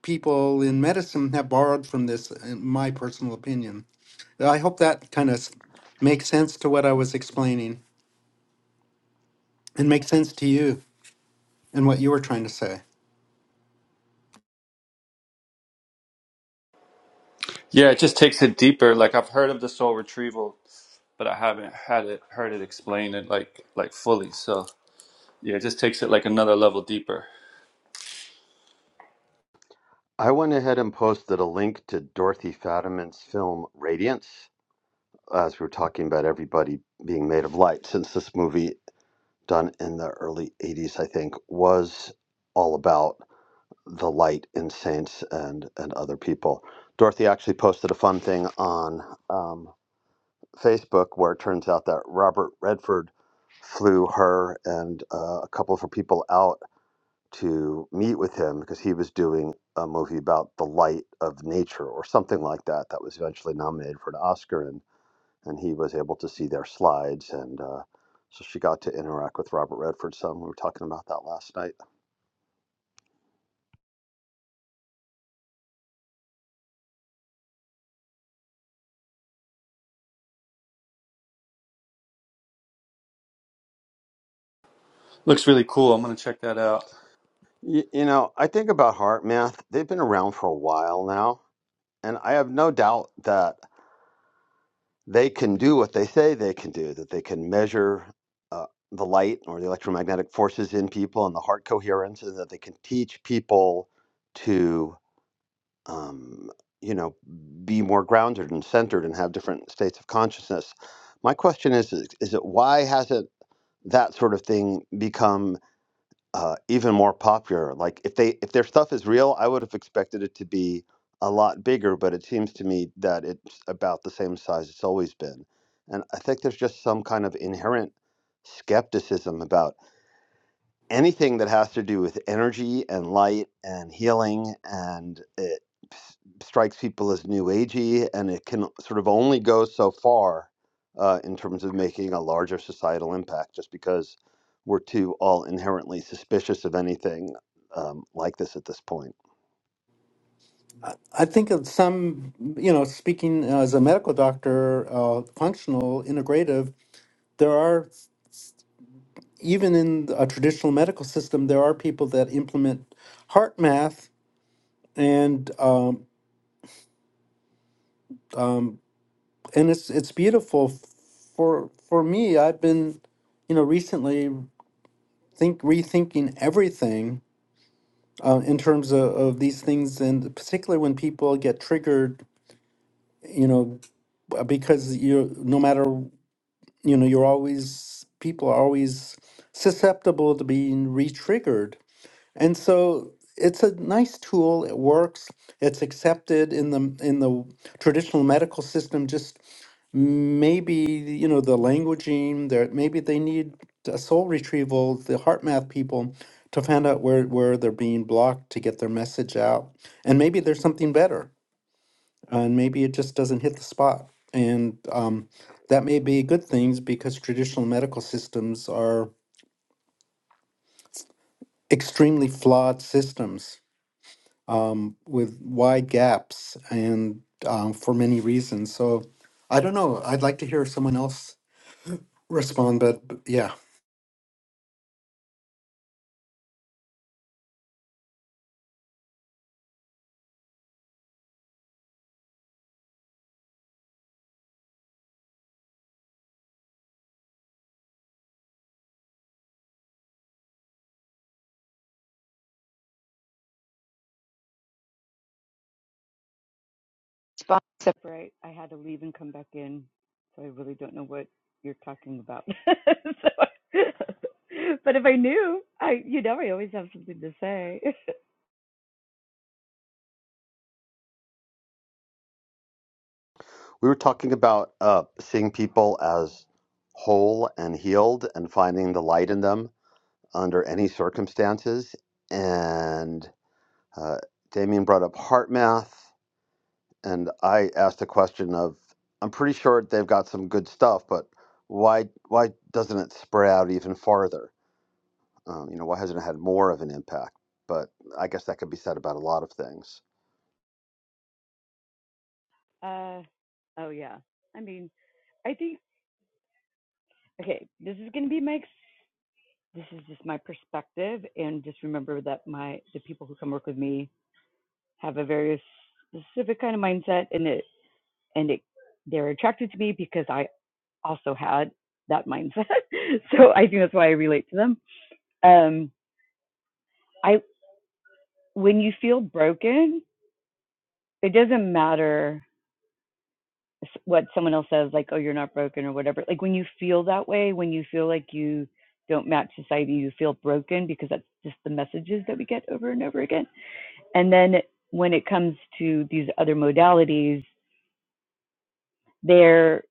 Speaker 5: people in medicine have borrowed from this in my personal opinion i hope that kind of makes sense to what i was explaining and makes sense to you and what you were trying to say
Speaker 4: Yeah, it just takes it deeper. Like I've heard of the soul retrieval, but I haven't had it heard it explained it like like fully. So yeah, it just takes it like another level deeper.
Speaker 2: I went ahead and posted a link to Dorothy Fadiman's film Radiance, as we were talking about everybody being made of light, since this movie, done in the early 80s, I think, was all about the light in saints and, and other people. Dorothy actually posted a fun thing on um, Facebook where it turns out that Robert Redford flew her and uh, a couple of her people out to meet with him because he was doing a movie about the light of nature or something like that that was eventually nominated for an Oscar and and he was able to see their slides and uh, so she got to interact with Robert Redford some. We were talking about that last night.
Speaker 4: Looks really cool. I'm gonna check that out.
Speaker 2: Y- you know, I think about HeartMath. They've been around for a while now, and I have no doubt that they can do what they say they can do, that they can measure uh, the light or the electromagnetic forces in people and the heart coherence, and that they can teach people to, um, you know, be more grounded and centered and have different states of consciousness. My question is, is is it why hasn't that sort of thing become uh, even more popular. Like if they if their stuff is real, I would have expected it to be a lot bigger, but it seems to me that it's about the same size it's always been. And I think there's just some kind of inherent skepticism about anything that has to do with energy and light and healing and it s- strikes people as new agey and it can sort of only go so far uh, in terms of making a larger societal impact just because we're too all inherently suspicious of anything um, like this at this point
Speaker 5: I think of some, you know, speaking as a medical doctor, uh, functional, integrative, there are, even in a traditional medical system, there are people that implement heart math and, um, um, and it's, it's beautiful. For, for me, I've been, you know, recently think rethinking everything uh, in terms of, of these things, and particularly when people get triggered, you know, because you no matter you know you're always people are always susceptible to being re-triggered and so it's a nice tool it works it's accepted in the in the traditional medical system just maybe you know the languaging there maybe they need a soul retrieval the heart math people to find out where where they're being blocked to get their message out and maybe there's something better and maybe it just doesn't hit the spot. And um, that may be good things because traditional medical systems are extremely flawed systems um, with wide gaps and um, for many reasons. So I don't know. I'd like to hear someone else respond, but but yeah.
Speaker 1: separate. I had to leave and come back in, so I really don't know what you're talking about. so, but if I knew, I you know I always have something to say.
Speaker 2: we were talking about uh, seeing people as whole and healed and finding the light in them under any circumstances and Uh, Damien brought up heart math, and I asked a question of, I'm pretty sure they've got some good stuff, but why why doesn't it spread out even farther? Um, you know, why hasn't it had more of an impact? But I guess that could be said about a lot of things.
Speaker 1: uh, oh yeah. I mean, I think okay. This is gonna be my ex- this is just my perspective, and just remember that my the people who come work with me have a very specific kind of mindset, and and it, they're attracted to me because I also had that mindset. so I think that's why I relate to them. Um, I when you feel broken, it doesn't matter what someone else says, like, "Oh, you're not broken" or whatever. Like when you feel that way, when you feel like you don't match society, you feel broken because that's just the messages that we get over and over again. And then when it comes to these other modalities, they're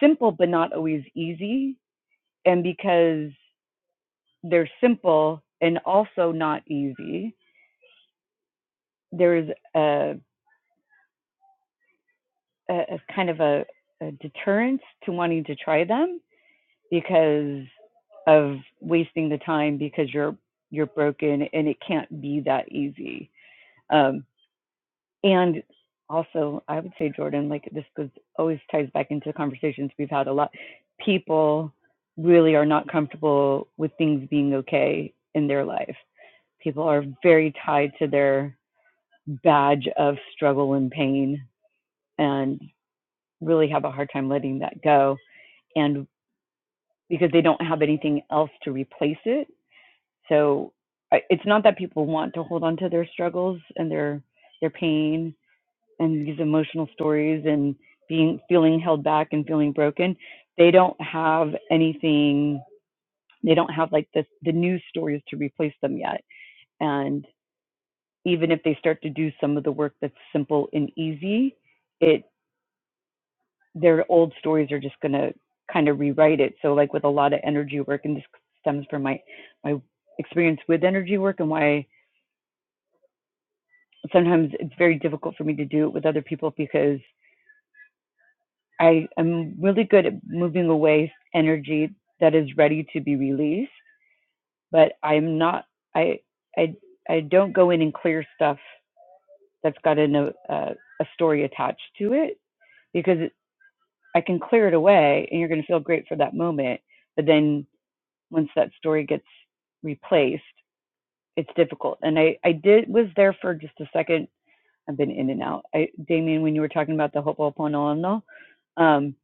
Speaker 1: simple but not always easy. And because they're simple and also not easy. There's a, a, a kind of a, a deterrence to wanting to try them because of wasting the time because you're you're broken and it can't be that easy. Um, and also, I would say Jordan, like this goes always ties back into conversations we've had a lot. People really are not comfortable with things being okay in their life. People are very tied to their badge of struggle and pain and really have a hard time letting that go. And because they don't have anything else to replace it. So it's not that people want to hold on to their struggles and their their pain and these emotional stories and being feeling held back and feeling broken. They don't have anything they don't have like the the new stories to replace them yet. And even if they start to do some of the work that's simple and easy, it. their old stories are just going to kind of rewrite it. So like with a lot of energy work, and this stems from my my experience with energy work and why sometimes it's very difficult for me to do it with other people because I am really good at moving away energy that is ready to be released, but I'm not. I I I don't go in and clear stuff that's got a a a story attached to it because I can clear it away and you're going to feel great for that moment, but then once that story gets replaced, it's difficult. And I, I did was there for just a second. I've been in and out. I, Damien, when you were talking about the Ho'oponopono, um,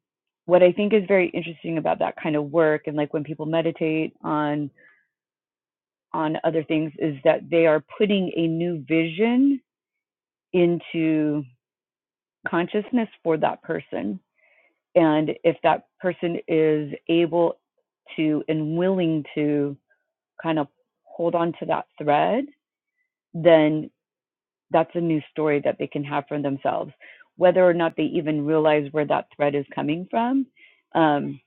Speaker 1: what I think is very interesting about that kind of work and like when people meditate on on other things is that they are putting a new vision into consciousness for that person. And if that person is able to and willing to kind of hold on to that thread then that's a new story that they can have for themselves, whether or not they even realize where that thread is coming from. Um,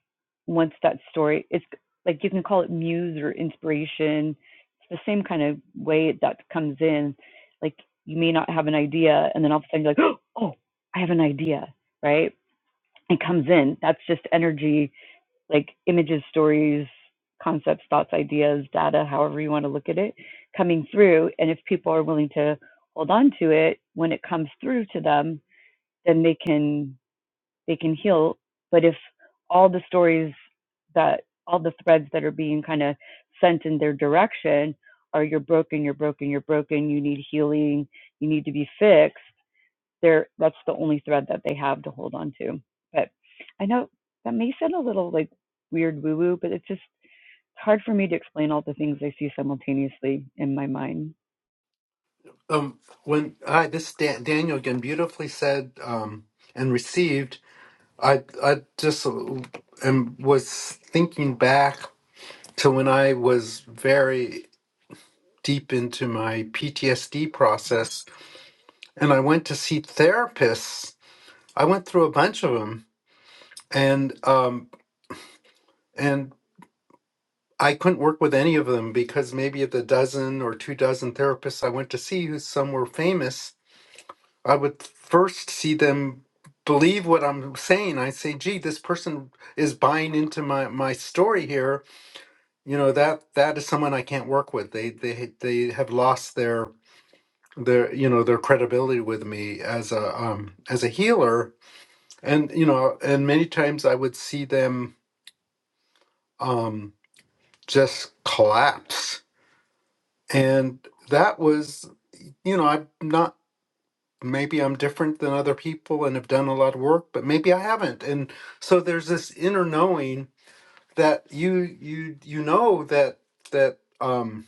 Speaker 1: once that story, it's like you can call it muse or inspiration. It's the same kind of way that comes in. Like you may not have an idea, and then all of a sudden you're like, oh, I have an idea, right? It comes in. That's just energy like images, stories, concepts, thoughts, ideas, data, however you want to look at it, coming through. And if people are willing to hold on to it when it comes through to them, then they can they can heal. But if all the stories that all the threads that are being kind of sent in their direction are you're broken, you're broken, you're broken, you need healing, you need to be fixed, they're that's the only thread that they have to hold on to. But I know that may sound a little like weird woo woo, but it's just it's hard for me to explain all the things I see simultaneously in my mind.
Speaker 5: Um, when I, this Dan, Daniel again beautifully said um, and received, I I just uh, am was thinking back to when I was very deep into my PTSD process, and I went to see therapists. I went through a bunch of them, and um, and I couldn't work with any of them because maybe of the dozen or two dozen therapists I went to see, who some were famous, I would first see them believe what I'm saying. I say, "Gee, this person is buying into my my story here." You know that that is someone I can't work with. They they they have lost their their you know their credibility with me as a um as a healer and you know and many times i would see them um just collapse and that was you know i'm not maybe i'm different than other people and have done a lot of work but maybe i haven't and so there's this inner knowing that you you you know that that um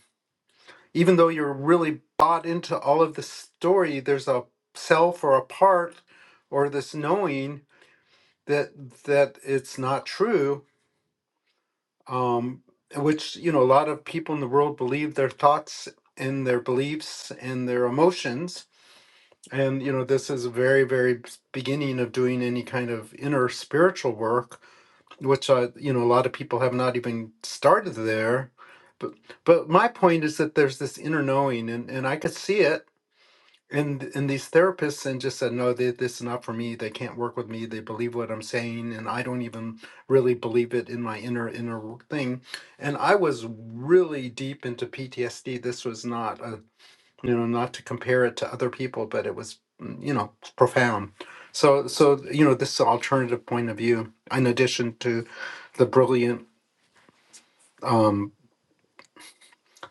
Speaker 5: even though you're really bought into all of the story there's a self or a part or this knowing that that it's not true um which you know a lot of people in the world believe their thoughts and their beliefs and their emotions and you know this is a very very b- beginning of doing any kind of inner spiritual work which i you know a lot of people have not even started there but but my point is that there's this inner knowing and and i could see it and and these therapists and just said no they, this is not for me they can't work with me they believe what i'm saying and i don't even really believe it in my inner inner thing and i was really deep into ptsd this was not a you know not to compare it to other people but it was mm, you know profound so so you know this alternative point of view in addition to the brilliant um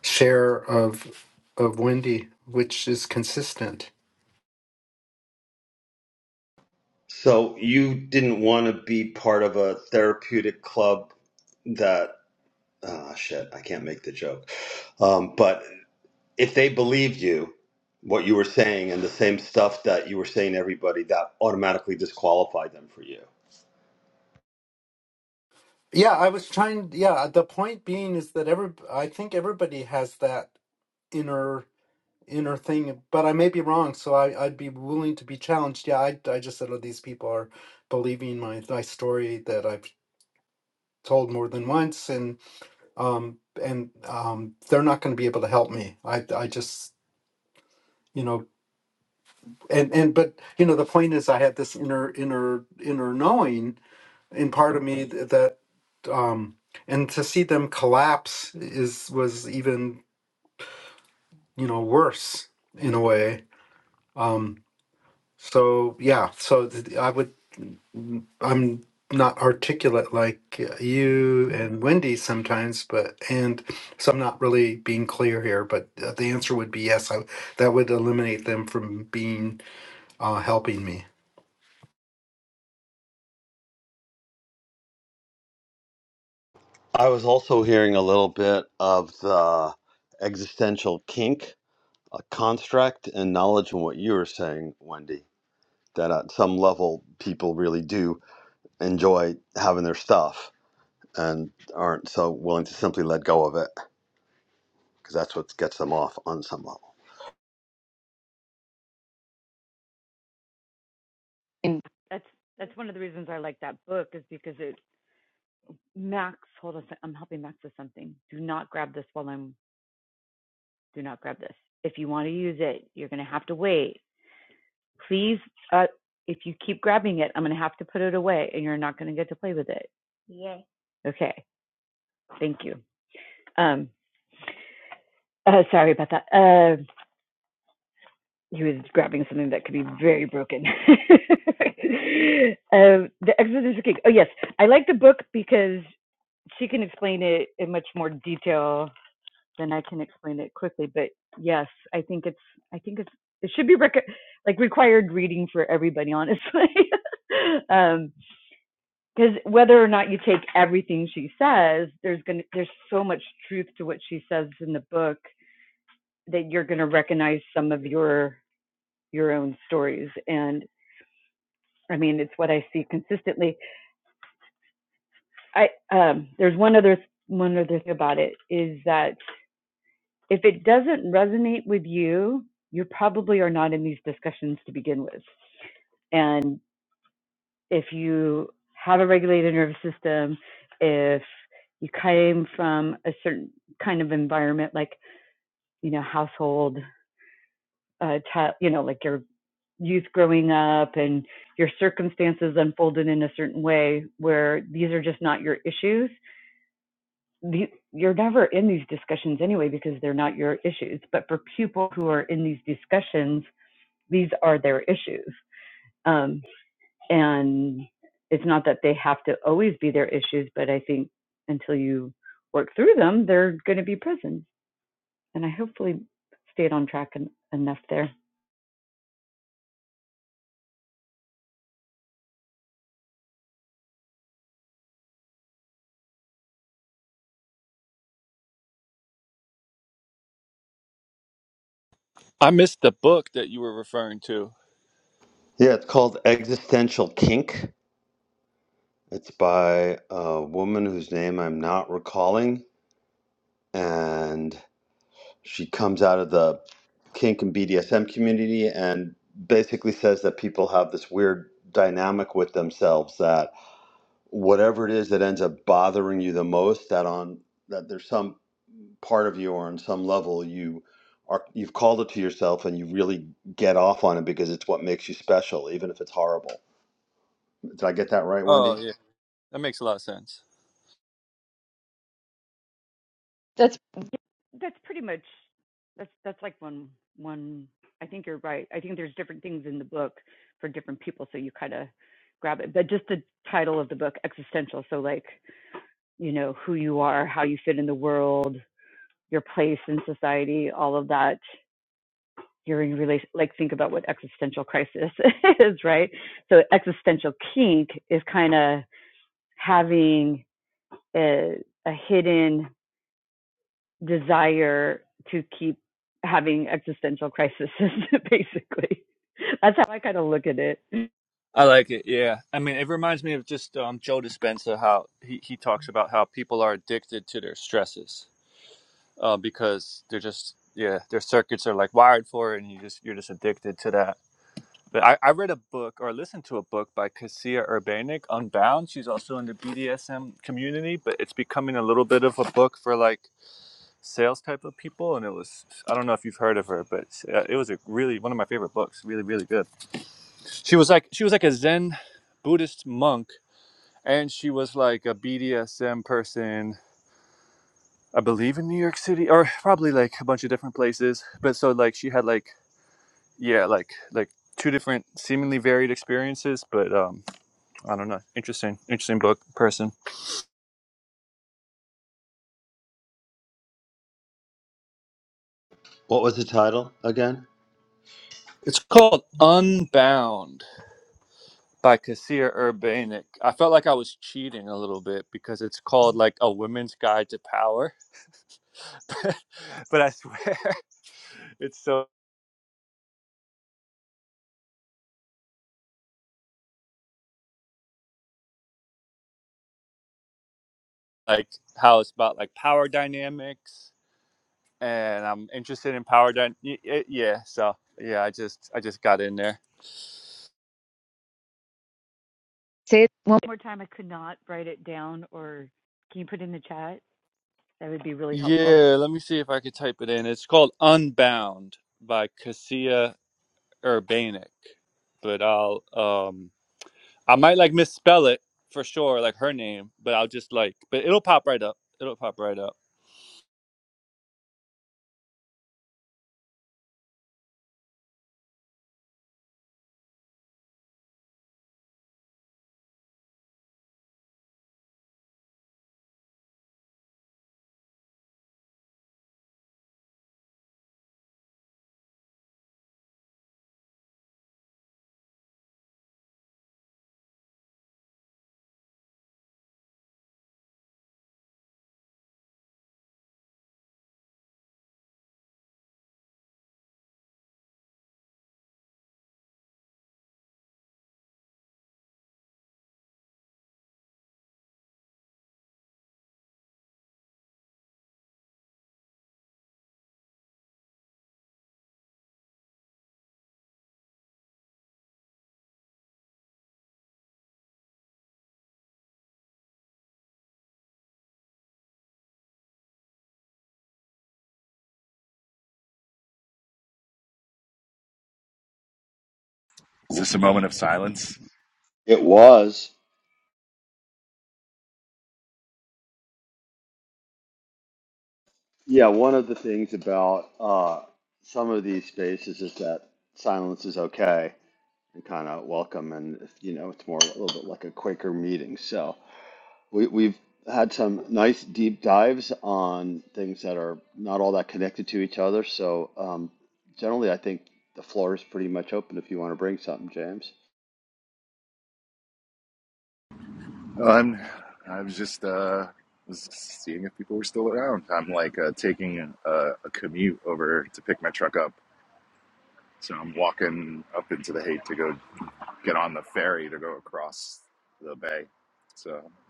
Speaker 5: share of of wendy which is consistent
Speaker 2: So you didn't want to be part of a therapeutic club that ah shit, I can't make the joke. Um, but if they believed you, what you were saying and the same stuff that you were saying to everybody, that automatically disqualified them for you.
Speaker 5: Yeah, I was trying. Yeah, the point being is that every I think everybody has that inner inner thing, but I may be wrong, so I I'd be willing to be challenged. Yeah, I I just said, oh, these people are believing my my story that I've told more than once, and um and um they're not going to be able to help me. I I just you know and and but you know the point is I had this inner inner inner knowing in part of me th- that. um, and to see them collapse is was even you know worse in a way. Um, so yeah, so th- I would i I'm not articulate like uh, you and Wendy sometimes, but and so I'm not really being clear here. But uh, the answer would be yes. I, that would eliminate them from being uh, helping me.
Speaker 2: I was also hearing a little bit of the existential kink, a construct, and knowledge in what you were saying, Wendy, that at some level people really do enjoy having their stuff and aren't so willing to simply let go of it because that's what gets them off on some level.
Speaker 1: And that's that's one of the reasons I like that book is because it Max, hold on, I'm helping Max with something. Do not grab this while I'm. Do not grab this. If you want to use it, you're gonna have to wait. Please, uh, if you keep grabbing it, I'm gonna have to put it away, and you're not gonna get to play with it. Okay, thank you. Um. Uh, sorry about that. Uh, he was grabbing something that could be very broken. um, the Exodus of King. Oh yes, I like the book because she can explain it in much more detail than I can explain it quickly. But yes, I think it's I think it's it should be rec- like required reading for everybody, honestly. um, Because whether or not you take everything she says, there's gonna there's so much truth to what she says in the book that you're gonna recognize some of your your own stories and i mean it's what i see consistently i um there's one other one other thing about it is that if it doesn't resonate with you you probably are not in these discussions to begin with and if you have a regulated nervous system, if you came from a certain kind of environment, like, you know, household uh, ta- you know, like your youth growing up and your circumstances unfolded in a certain way where these are just not your issues. The, you're never in these discussions anyway because they're not your issues. But for people who are in these discussions, these are their issues. Um, and it's not that they have to always be their issues, but I think until you work through them, they're going to be present. And I hopefully stayed on track en- enough there.
Speaker 4: I missed the book that you were referring to.
Speaker 2: Yeah, it's called Existential Kink. It's by a woman whose name I'm not recalling. And She comes out of the kink and BDSM community and basically says that people have this weird dynamic with themselves that whatever it is that ends up bothering you the most, that on that there's some part of you or on some level you are you've called it to yourself and you really get off on it because it's what makes you special, even if it's horrible. Did I get that right,
Speaker 4: Oh
Speaker 2: Wendy?
Speaker 4: yeah, that makes a lot of sense.
Speaker 1: that's pretty much that's that's like one one i think you're right i think there's different things in the book for different people so you kind of grab it but just the title of the book existential so like you know who you are how you fit in the world your place in society all of that you're in relation like think about what existential crisis is right so existential kink is kind of having a, a hidden desire to keep having existential crises, basically. That's how I kind of look at it.
Speaker 4: I like it. Yeah, I mean, it reminds me of just um, Joe Dispenza how he he talks about how people are addicted to their stresses uh, because they're just yeah their circuits are like wired for it, and you just you're just addicted to that But I, I read a book or listened to a book by Cassia Urbanik, Unbound. She's also in the BDSM community, but it's becoming a little bit of a book for like sales type of people. And it was, I don't know if you've heard of her, but uh, it was a really one of my favorite books. Really, really good. She was like she was like a Zen Buddhist monk, and she was like a BDSM person. I believe in New York City, or probably like a bunch of different places. But so like she had like yeah like like two different seemingly varied experiences, but um I don't know. Interesting, interesting book, person.
Speaker 2: What was the title again?
Speaker 4: It's called Unbound by Kasia Urbanic. I felt like I was cheating a little bit because it's called like a women's guide to power. but but I swear it's so like how it's about like power dynamics and I'm interested in power dy- y- yeah, so yeah, I just I just got in there.
Speaker 1: Say it one more time, I could not write it down, or can you put it in the chat? That would be really helpful.
Speaker 4: Yeah, let me see if I could type it in. It's called Unbound by Cassia Urbanic, but I'll um I might like misspell it for sure, like her name, but I'll just like but it'll pop right up. It'll pop right up.
Speaker 6: Is this a moment of silence?
Speaker 2: It was. Yeah, one of the things about uh, some of these spaces is that silence is okay and kind of welcome, and you know it's more a little bit like a Quaker meeting. So we, we've had some nice deep dives on things that are not all that connected to each other. So um, generally, I think the floor is pretty much open if you want to bring something, James.
Speaker 6: I'm. I was just uh, was seeing if people were still around. I'm like uh, taking a, a commute over to pick my truck up, so I'm walking up into the hate to go get on the ferry to go across the bay. So I'm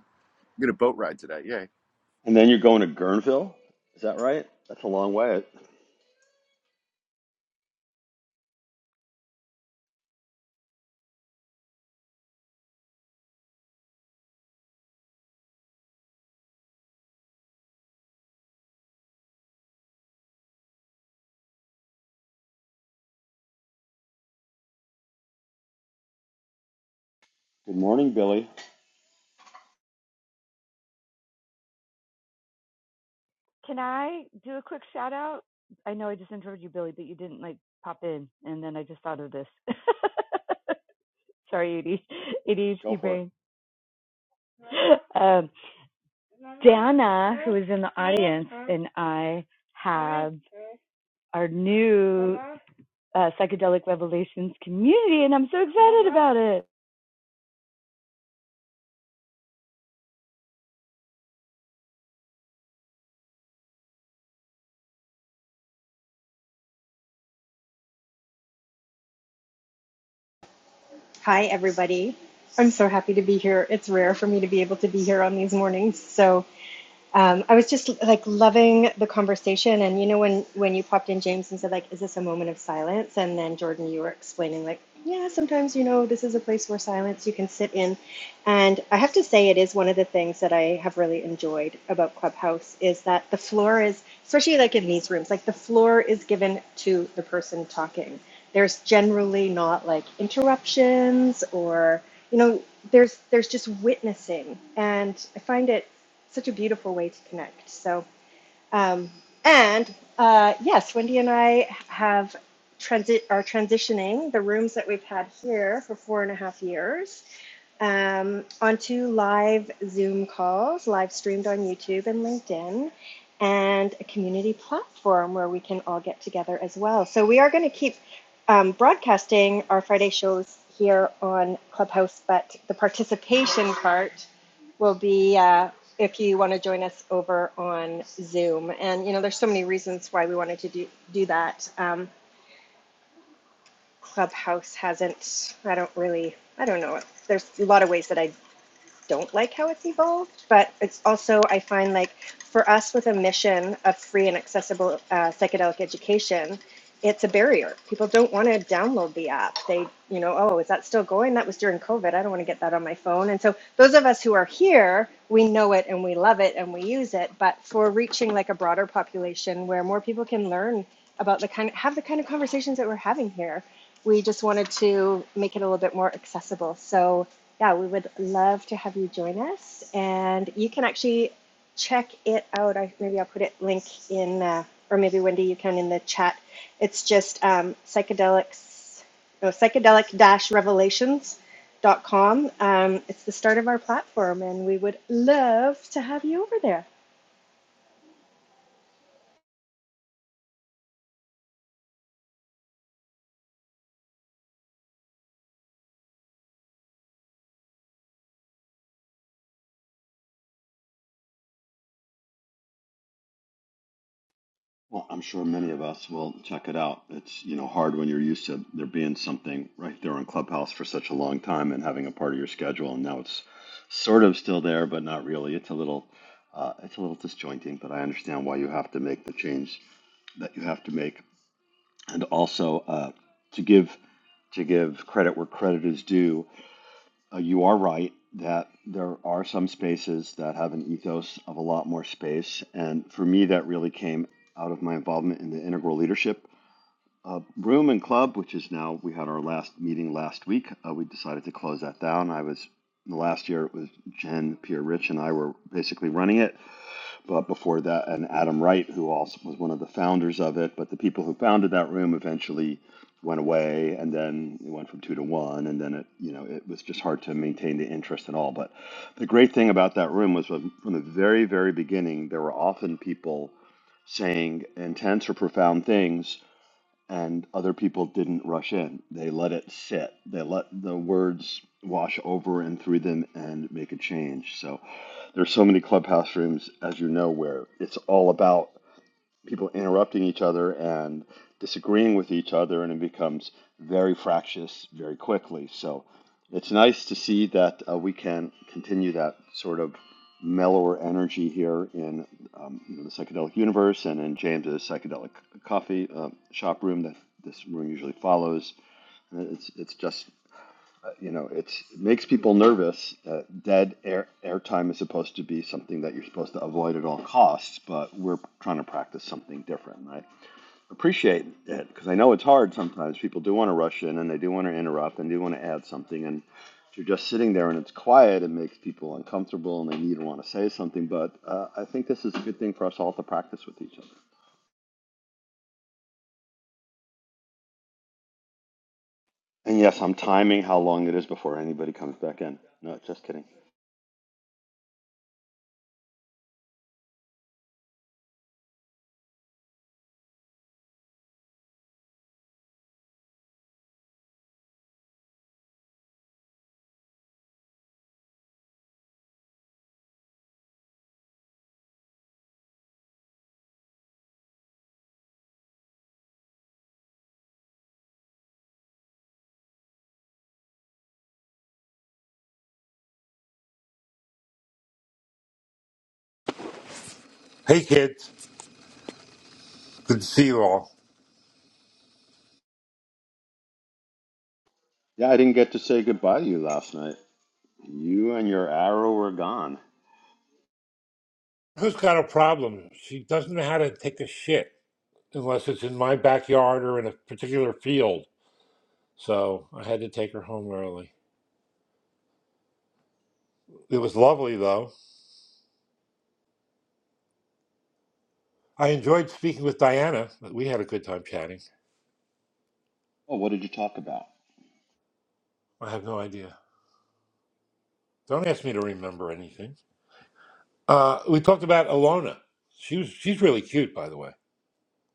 Speaker 6: gonna boat ride today. Yeah,
Speaker 2: And then you're going to Guerneville, is that right? That's a long way. Good morning, Billy.
Speaker 1: Can I do a quick shout out? I know I just interrupted you, Billy, but you didn't like pop in, and then I just thought of this. Sorry,
Speaker 2: Go
Speaker 1: ADHD
Speaker 2: for it.
Speaker 1: brain. Um, Dana, who is in the and I have our new uh, psychedelic revelations community, and I'm so excited about it.
Speaker 7: Hi, everybody. I'm so happy to be here. It's rare for me to be able to be here on these mornings, so um, I was just like loving the conversation. And you know, when when you popped in, James, and said like, "Is this a moment of silence?" And then Jordan, you were explaining like, "Yeah, sometimes you know, this is a place where silence you can sit in." And I have to say, it is one of the things that I have really enjoyed about Clubhouse is that the floor is, especially like in these rooms, like the floor is given to the person talking. There's generally not like interruptions or you know, there's there's just witnessing, and I find it such a beautiful way to connect. So, um, and uh, yes, Wendy and I have transit are transitioning the rooms that we've had here for four and a half years um, onto live Zoom calls, live streamed on YouTube and LinkedIn, and a community platform where we can all get together as well. So we are going to keep um, broadcasting our Friday shows here on Clubhouse, but the participation part will be. Uh, if you want to join us over on Zoom, and you know, there's so many reasons why we wanted to do do that. Um, Clubhouse hasn't. I don't really. I don't know. There's a lot of ways that I don't like how it's evolved, but it's also, I find like for us with a mission of free and accessible uh, psychedelic education, it's a barrier. People don't want to download the app. They, you know, oh, is that still going? That was during COVID. I don't want to get that on my phone. And so those of us who are here, we know it and we love it and we use it. But for reaching like a broader population where more people can learn about the kind of have the kind of conversations that we're having here, we just wanted to make it a little bit more accessible. So yeah, we would love to have you join us. And you can actually check it out. I, maybe I'll put it link in, uh, or maybe Wendy, you can in the chat. It's just um, psychedelics, no, psychedelic-revelations.com. Um, it's the start of our platform, and we would love to have you over there.
Speaker 2: Well, I'm sure many of us will check it out. It's, you know, hard when you're used to there being something right there on Clubhouse for such a long time and having a part of your schedule. And now it's sort of still there, but not really. It's a little, uh, it's a little disjointing, but I understand why you have to make the change that you have to make. And also, uh, to give, to give credit where credit is due, uh, you are right that there are some spaces that have an ethos of a lot more space. And for me, that really came out of my involvement in the integral leadership uh, room and club, which is now, we had our last meeting last week. Uh, we decided to close that down. I was, the last year, it was Jen, Pierre Rich, and I were basically running it but before that, and Adam Wright, who also was one of the founders of it. But the people who founded that room eventually went away, and then it went from two to one, and then it, you know, it was just hard to maintain the interest and all. But the great thing about that room was from from the very, very beginning, there were often people saying intense or profound things and other people didn't rush in. They let it sit. They let the words wash over and through them and make a change. So there's so many clubhouse rooms, as you know, where it's all about people interrupting each other and disagreeing with each other, and it becomes very fractious very quickly. So it's nice to see that uh, we can continue that sort of mellower energy here in um, you know, the psychedelic universe and in James's psychedelic coffee uh, shop room that this room usually follows. And It's it's just uh, you know, it's, it makes people nervous. Uh, dead air airtime is supposed to be something that you're supposed to avoid at all costs, but we're trying to practice something different. And I appreciate it because I know it's hard sometimes. People do want to rush in and they do want to interrupt and they do want to add something. And if you're just sitting there and it's quiet, it makes people uncomfortable and they need to want to say something. But uh, I think this is a good thing for us all to practice with each other. And yes, I'm timing how long it is before anybody comes back in. No, just kidding.
Speaker 8: Hey kids, good to see you all.
Speaker 2: Yeah, I didn't get to say goodbye to you last night. You and your arrow were gone.
Speaker 8: Who's got a problem? She doesn't know how to take a shit unless it's in my backyard or in a particular field. So I had to take her home early. It was lovely though. I enjoyed speaking with Diana. We had a good time chatting.
Speaker 2: Oh, what did you talk about?
Speaker 8: I have no idea. Don't ask me to remember anything. Uh, we talked about Alona. She was she's really cute, by the way.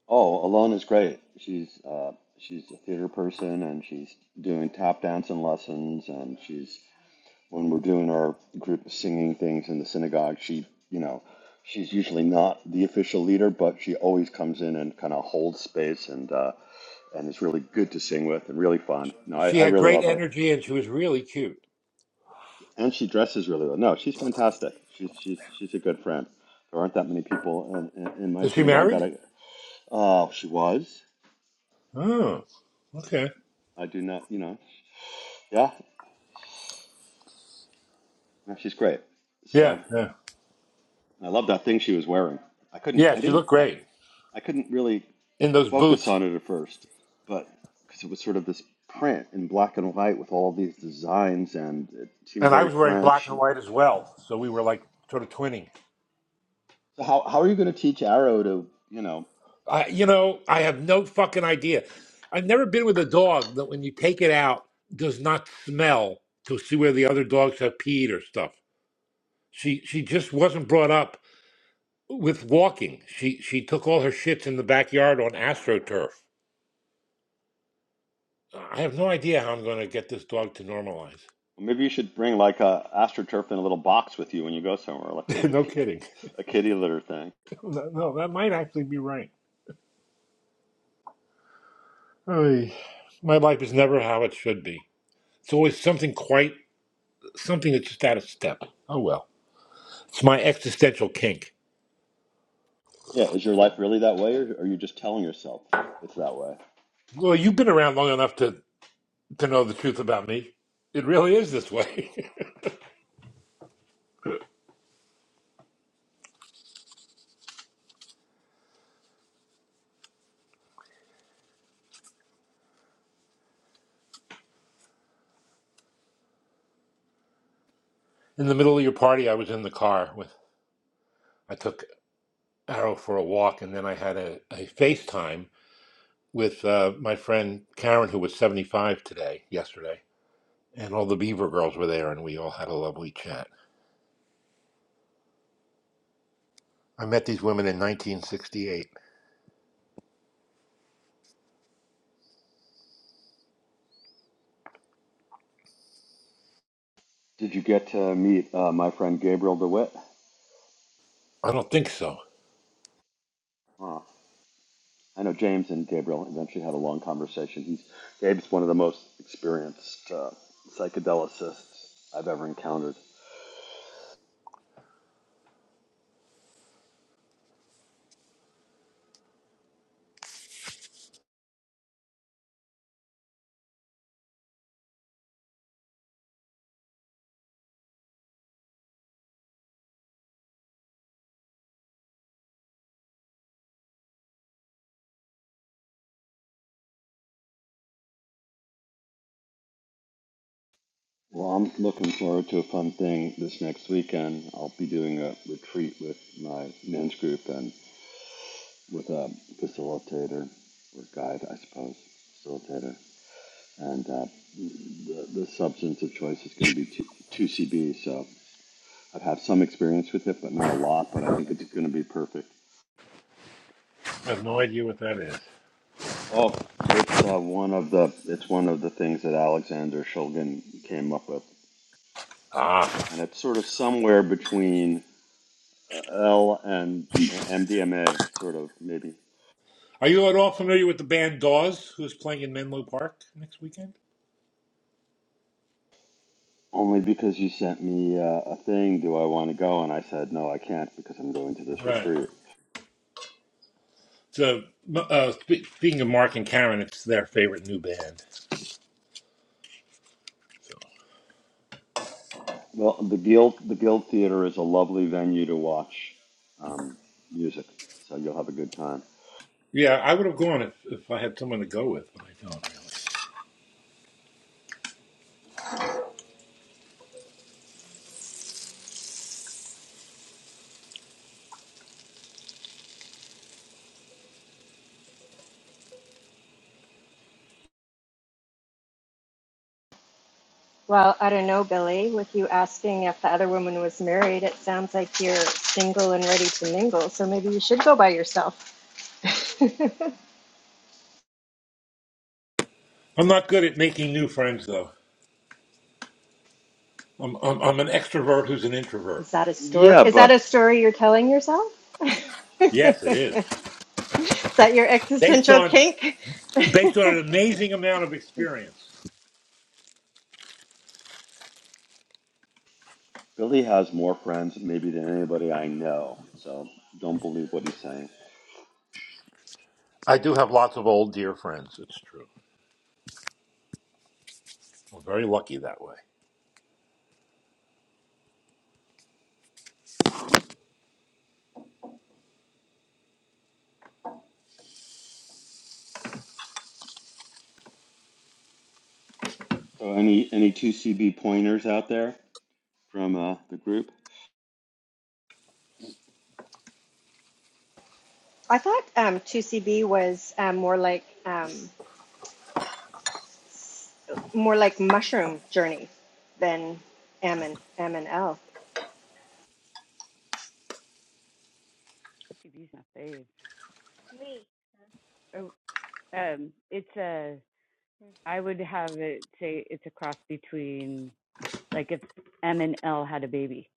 Speaker 2: Oh, Alone is great. She's uh, she's a theater person, and she's doing tap dancing lessons, and she's when we're doing our group singing things in the synagogue, she you know she's usually not the official leader, but she always comes in and kind of holds space, and uh, and is really good to sing with, and really fun. No, I,
Speaker 8: She
Speaker 2: I
Speaker 8: had
Speaker 2: really
Speaker 8: great
Speaker 2: love her,
Speaker 8: energy and she was really cute.
Speaker 2: and she dresses really well. No, she's fantastic. She's she's she's a good friend. There aren't that many people in, in, in my
Speaker 8: Is she
Speaker 2: synagogue that
Speaker 8: married?
Speaker 2: I, Oh, she was.
Speaker 8: Oh, okay.
Speaker 2: I do not, you know. Yeah, no, she's great.
Speaker 8: Yeah,
Speaker 2: So
Speaker 8: yeah,
Speaker 2: I love that thing she was wearing. I couldn't,
Speaker 8: yeah.
Speaker 2: I
Speaker 8: She
Speaker 2: didn't,
Speaker 8: looked
Speaker 2: I,
Speaker 8: great
Speaker 2: I couldn't really
Speaker 8: in those
Speaker 2: focus
Speaker 8: boots.
Speaker 2: on it at first, but because it was sort of this print in black and white with all these designs, and it seemed
Speaker 8: And I
Speaker 2: very
Speaker 8: was wearing black
Speaker 2: French.
Speaker 8: and
Speaker 2: And
Speaker 8: white as well. So we were like sort of twinning.
Speaker 2: so how how are you going to teach Arrow to, you know,
Speaker 8: I, you know, I have no fucking idea. I've never been with a dog that when you take it out does not smell to see where the other dogs have peed or stuff. She she just wasn't brought up with walking. She she took all her shits in the backyard on AstroTurf. I have no idea how I'm going to get this dog to normalize.
Speaker 2: maybe you should bring like a astroturf in a little box with you when you go somewhere, like a, a,
Speaker 8: no
Speaker 2: ki-
Speaker 8: kidding.
Speaker 2: a kitty litter thing.
Speaker 8: No, no, that might actually be right. Oy. My life is never how it should be. It's always something quite something that's just out of step. Oh well, it's my existential kink.
Speaker 2: Yeah, is your life really that way, or are you just telling yourself it's that way?
Speaker 8: Well, you've been around long enough to to know the truth about me. It really is this way. in the middle of your party, I was in the car with. I took Arrow for a walk, and then I had a, a FaceTime with uh, my friend Karen, who was 75 today, yesterday, and all the Beaver girls were there, and we all had a lovely chat. I met these women in 1968.
Speaker 2: Did you get to meet uh, my friend Gabriel DeWitt?
Speaker 8: I don't think so.
Speaker 2: Huh. I know James and Gabriel eventually had a long conversation. He's Gabe's one of the most experienced uh, psychedelicists I've ever encountered. Well, I'm looking forward to a fun thing this next weekend. I'll be doing a retreat with my men's group and with a facilitator or guide, I suppose, facilitator. And uh, the, the substance of choice is going to be 2- 2CB, so I've had some experience with it, but not a lot. But I think it's going to be perfect.
Speaker 8: I have no idea what that is.
Speaker 2: Oh, it's uh, one of the it's one of the things that Alexander Shulgin came up with,
Speaker 8: Ah.
Speaker 2: and it's sort of somewhere between uh, L and MDMA, sort of maybe.
Speaker 8: Are you at all familiar with the band Dawes, who's playing in Menlo Park next weekend?
Speaker 2: Only because you sent me uh, a thing, do I want to go? And I said no, I can't because I'm going to this
Speaker 8: Right.
Speaker 2: retreat.
Speaker 8: So, uh, speaking of Mark and Karen, it's their favorite new band.
Speaker 2: Well, the Guild the Guild Theater is a lovely venue to watch um, music, so you'll have a good time.
Speaker 8: Yeah, I would have gone if, if I had someone to go with, but I don't really.
Speaker 7: Well, I don't know, Billy. With you asking if the other woman was married, it sounds like you're single and ready to mingle. So maybe you should go by yourself.
Speaker 8: I'm not good at making new friends, though. I'm, I'm, I'm an extrovert who's an introvert.
Speaker 7: Is that a story?
Speaker 2: Yeah,
Speaker 7: Is that
Speaker 2: but
Speaker 7: a story you're telling yourself? is
Speaker 8: Yes, it is.
Speaker 7: that your
Speaker 8: Based
Speaker 7: existential
Speaker 8: on
Speaker 7: kink?
Speaker 8: based on an amazing amount of experience.
Speaker 2: Billy has more friends maybe than anybody I know, so don't believe what he's saying.
Speaker 8: I do have lots of old dear friends. It's true. I'm very lucky that way.
Speaker 2: So any any two CB pointers out there from uh, the group?
Speaker 7: I thought um, 2CB was um, more like um, s- more like mushroom journey than M and M and L.
Speaker 1: CB's not saved. Oh, um, it's a. I would have it say it's a cross between like if M and L had a baby.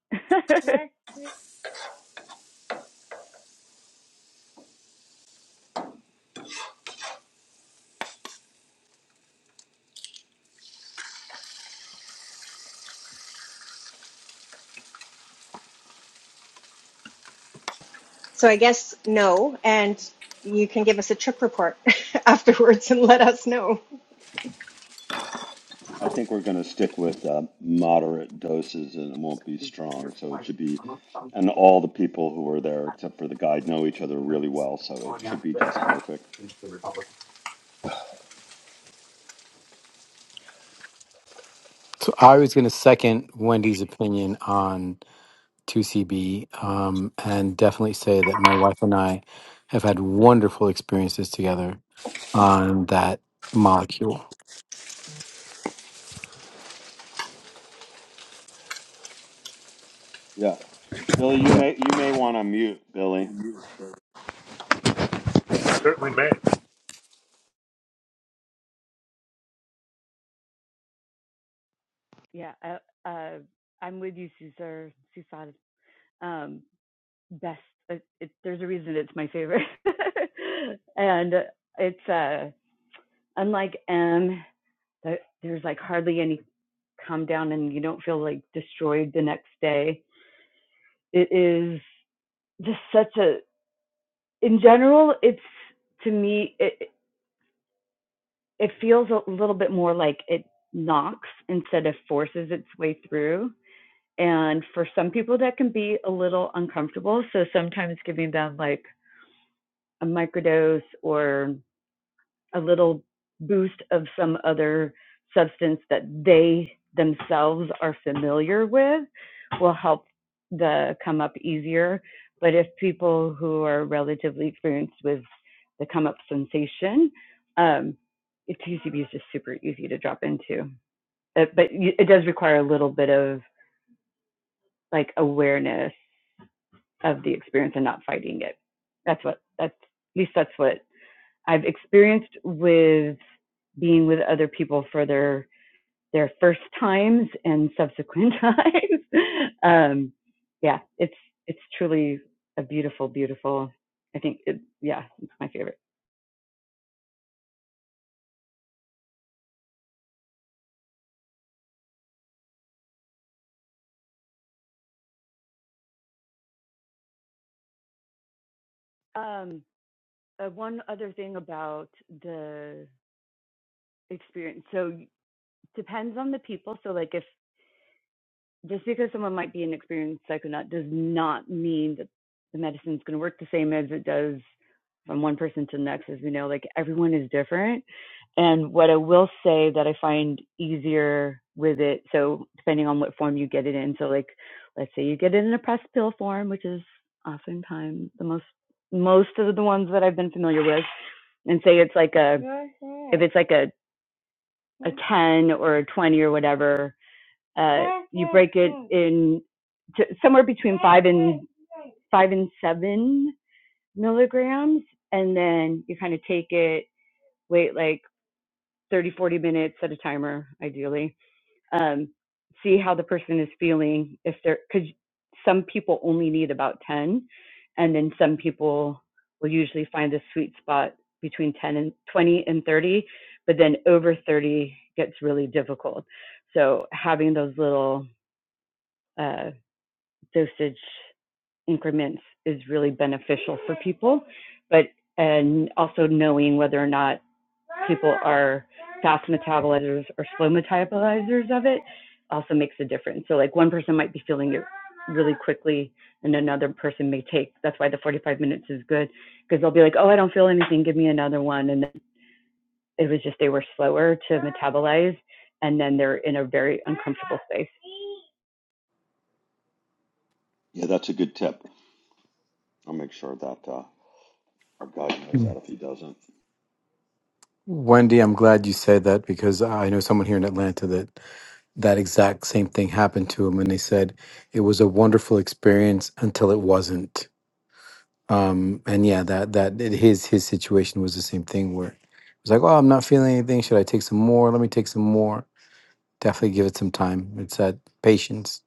Speaker 7: So I guess no, and you can give us a trip report afterwards and let us know.
Speaker 2: I think we're going to stick with uh, moderate doses, and it won't be strong. So it should be, and all the people who are there except for the guide know each other really well, so it should be just perfect.
Speaker 3: So I was going to second Wendy's opinion on 2CB um, and definitely say that my wife and I have had wonderful experiences together on that molecule.
Speaker 2: Yeah, Billy, you may you may want to mute Billy.
Speaker 8: Certainly may.
Speaker 1: yeah, uh, uh, I'm with you, Cesar. Cesar. Um, best. It, it, there's a reason it's my favorite, and uh, it's uh, unlike M. There's like hardly any come down, and you don't feel like destroyed the next day it is just such a in general it's to me it it feels a little bit more like it knocks instead of forces its way through and for some people that can be a little uncomfortable so sometimes giving them like a microdose or a little boost of some other substance that they themselves are familiar with will help the come up easier. But if people who are relatively experienced with the come up sensation, um, TCB is just super easy to drop into. It, but it does require a little bit of like awareness of the experience and not fighting it. That's what that's at least that's what I've experienced with being with other people for their their first times and subsequent times. um, yeah, it's it's truly a beautiful, beautiful. I think it, yeah, it's my favorite. Um, uh, one other thing about the experience. So depends on the people. So like if just because someone might be an experienced psychonaut does not mean that the medicine's going to work the same as it does from one person to the next. As we know, like everyone is different. And what I will say that I find easier with it, so depending on what form you get it in, so like let's say you get it in a pressed pill form, which is oftentimes the most most of the ones that I've been familiar with, and say it's like a it's like a 10 or a 20 or whatever uh, in to, somewhere between five and seven milligrams. And then you kind of take it, wait like 30, 40 minutes, set a timer, ideally. Um, see how the person is feeling. If they're, because some people only need about 10. And then some people will usually find the sweet spot between 10 and 20 and 30. But then over 30 gets really difficult. So having those little uh, dosage increments is really beneficial for people, but and also knowing whether or not people are fast metabolizers or slow metabolizers of it also makes a difference. So like one person might be feeling it really quickly and another person may take that's why the 45 minutes is good because they'll be like oh i don't feel anything give me another one and it was just they were slower to metabolize and then they're in a very uncomfortable space
Speaker 2: Yeah, that's a good tip. I'll make sure that uh, our guide knows that if he doesn't.
Speaker 3: Wendy, I'm glad you said that because I know someone here in Atlanta that that exact same thing happened to him and they said it was a wonderful experience until it wasn't um and yeah that that it- his his situation was the same thing where it was like oh i'm not feeling anything should i take some more let me take some more definitely give it some time it's that patience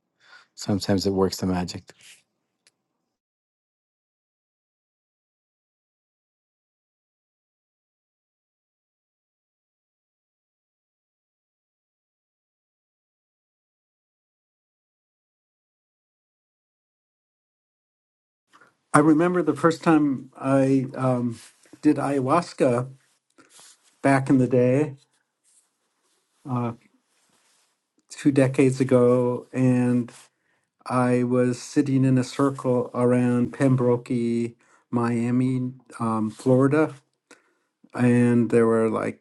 Speaker 3: sometimes it works the magic
Speaker 5: I remember the first time I um, did ayahuasca back in the day. two decades ago, and I was sitting in a circle around Pembroke, Miami, um, Florida, and there were like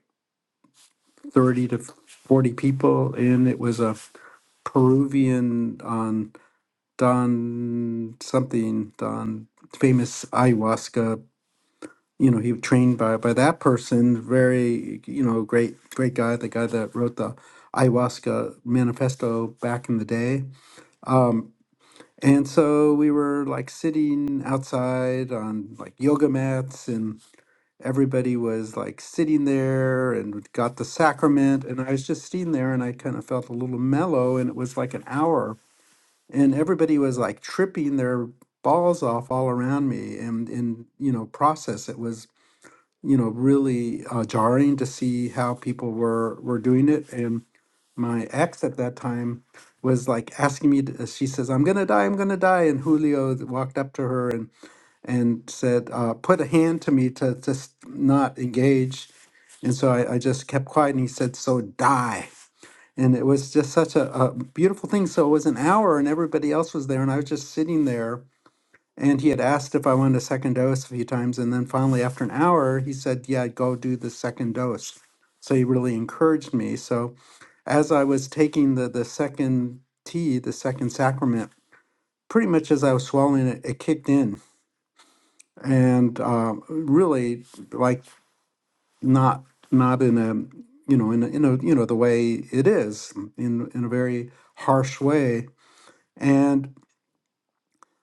Speaker 5: 30 to 40 people, and it was a Peruvian um, Don something, Don famous ayahuasca. You know, he was trained by by that person. Very, you know, great great guy. The guy that wrote the ayahuasca manifesto back in the day. Um, And so we were like sitting outside on like yoga mats, and everybody was like sitting there and got the sacrament. And I was just sitting there and I kind of felt a little mellow, and it was like an hour. And everybody was like tripping their balls off all around me. And in, you know, process, it was, you know, really uh, jarring to see how people were were doing it. And my ex at that time was like asking me to, uh, she says i'm gonna die i'm gonna die and julio th- walked up to her and and said uh, put a hand to me to just not engage and so I, I just kept quiet and he said so die and it was just such a, a beautiful thing so it was an hour and everybody else was there and i was just sitting there and he had asked if I wanted a second dose a few times. And then finally, after an hour, he said, Yeah, go do the second dose. So he really encouraged me. So as I was taking the, the second tea, the second sacrament, pretty much as I was swallowing it, it kicked in. And um, really, like, not not in a you know in a, in a you know the way it is in in a very harsh way and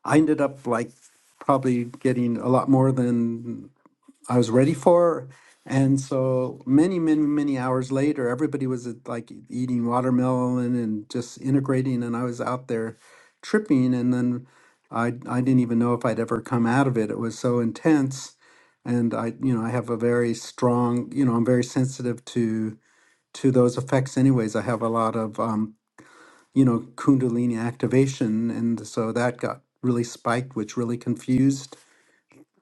Speaker 5: i ended up like probably getting a lot more than I was ready for. her. And so many, many, many hours later, everybody was at, like e- eating watermelon and just integrating, and I was out there tripping. And then I I didn't even know if I'd ever come out of it. It was so intense, and I you know I have a very strong you know I'm very sensitive to to those effects. Anyways, I have a lot of um, you know kundalini activation, and so that got really spiked, which really confused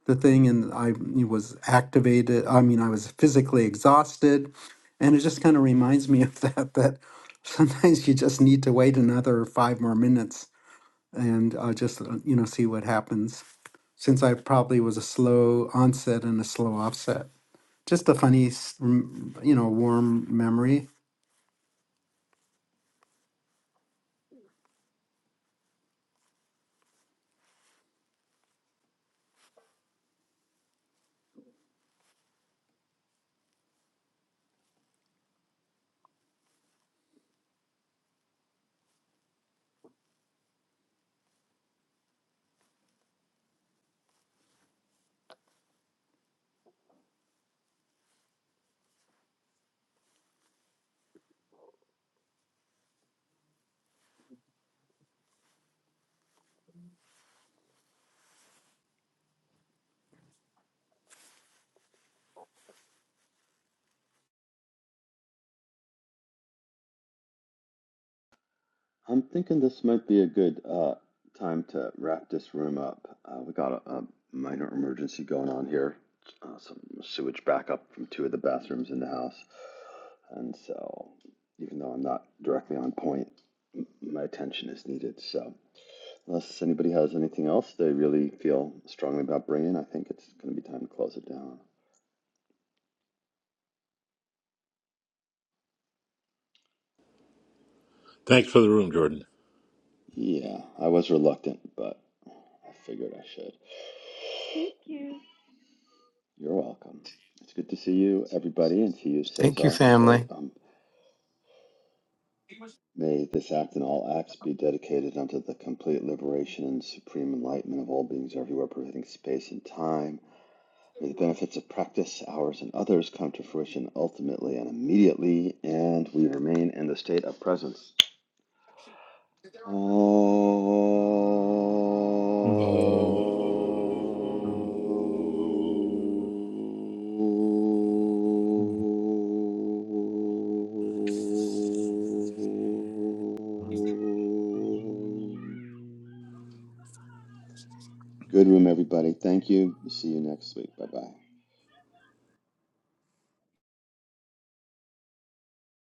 Speaker 5: the thing and I was activated. I mean, I was physically exhausted. And it just kind of reminds me of that, that sometimes you just need to wait another five more minutes and uh, just, uh, you know, see what happens. Since I probably was a slow onset and a slow offset. Just a funny, s- rem- you know, warm memory.
Speaker 2: I'm thinking this might be a good uh, time to wrap this room up. Uh, we got a, a minor emergency going on here, uh, some sewage backup from two of the bathrooms in the house. And so, even though I'm not directly on point, m- my attention is needed. So, unless anybody has anything else they really feel strongly about bringing, I think it's going to be time to close it down.
Speaker 8: Thanks for the room, Jordan.
Speaker 2: Yeah, I was reluctant, but I figured I should. You're welcome. It's good to see you, everybody, and to you,
Speaker 3: thank you
Speaker 2: Cesar.
Speaker 3: family
Speaker 2: So um, may this act and all acts be dedicated unto the complete liberation and supreme enlightenment of all beings everywhere, pervading space and time. May the benefits of practice, ours and others, come to fruition ultimately and immediately, and we remain in the state of presence. Good
Speaker 8: Oh.
Speaker 2: room, everybody. Thank you. See you next week. Bye bye.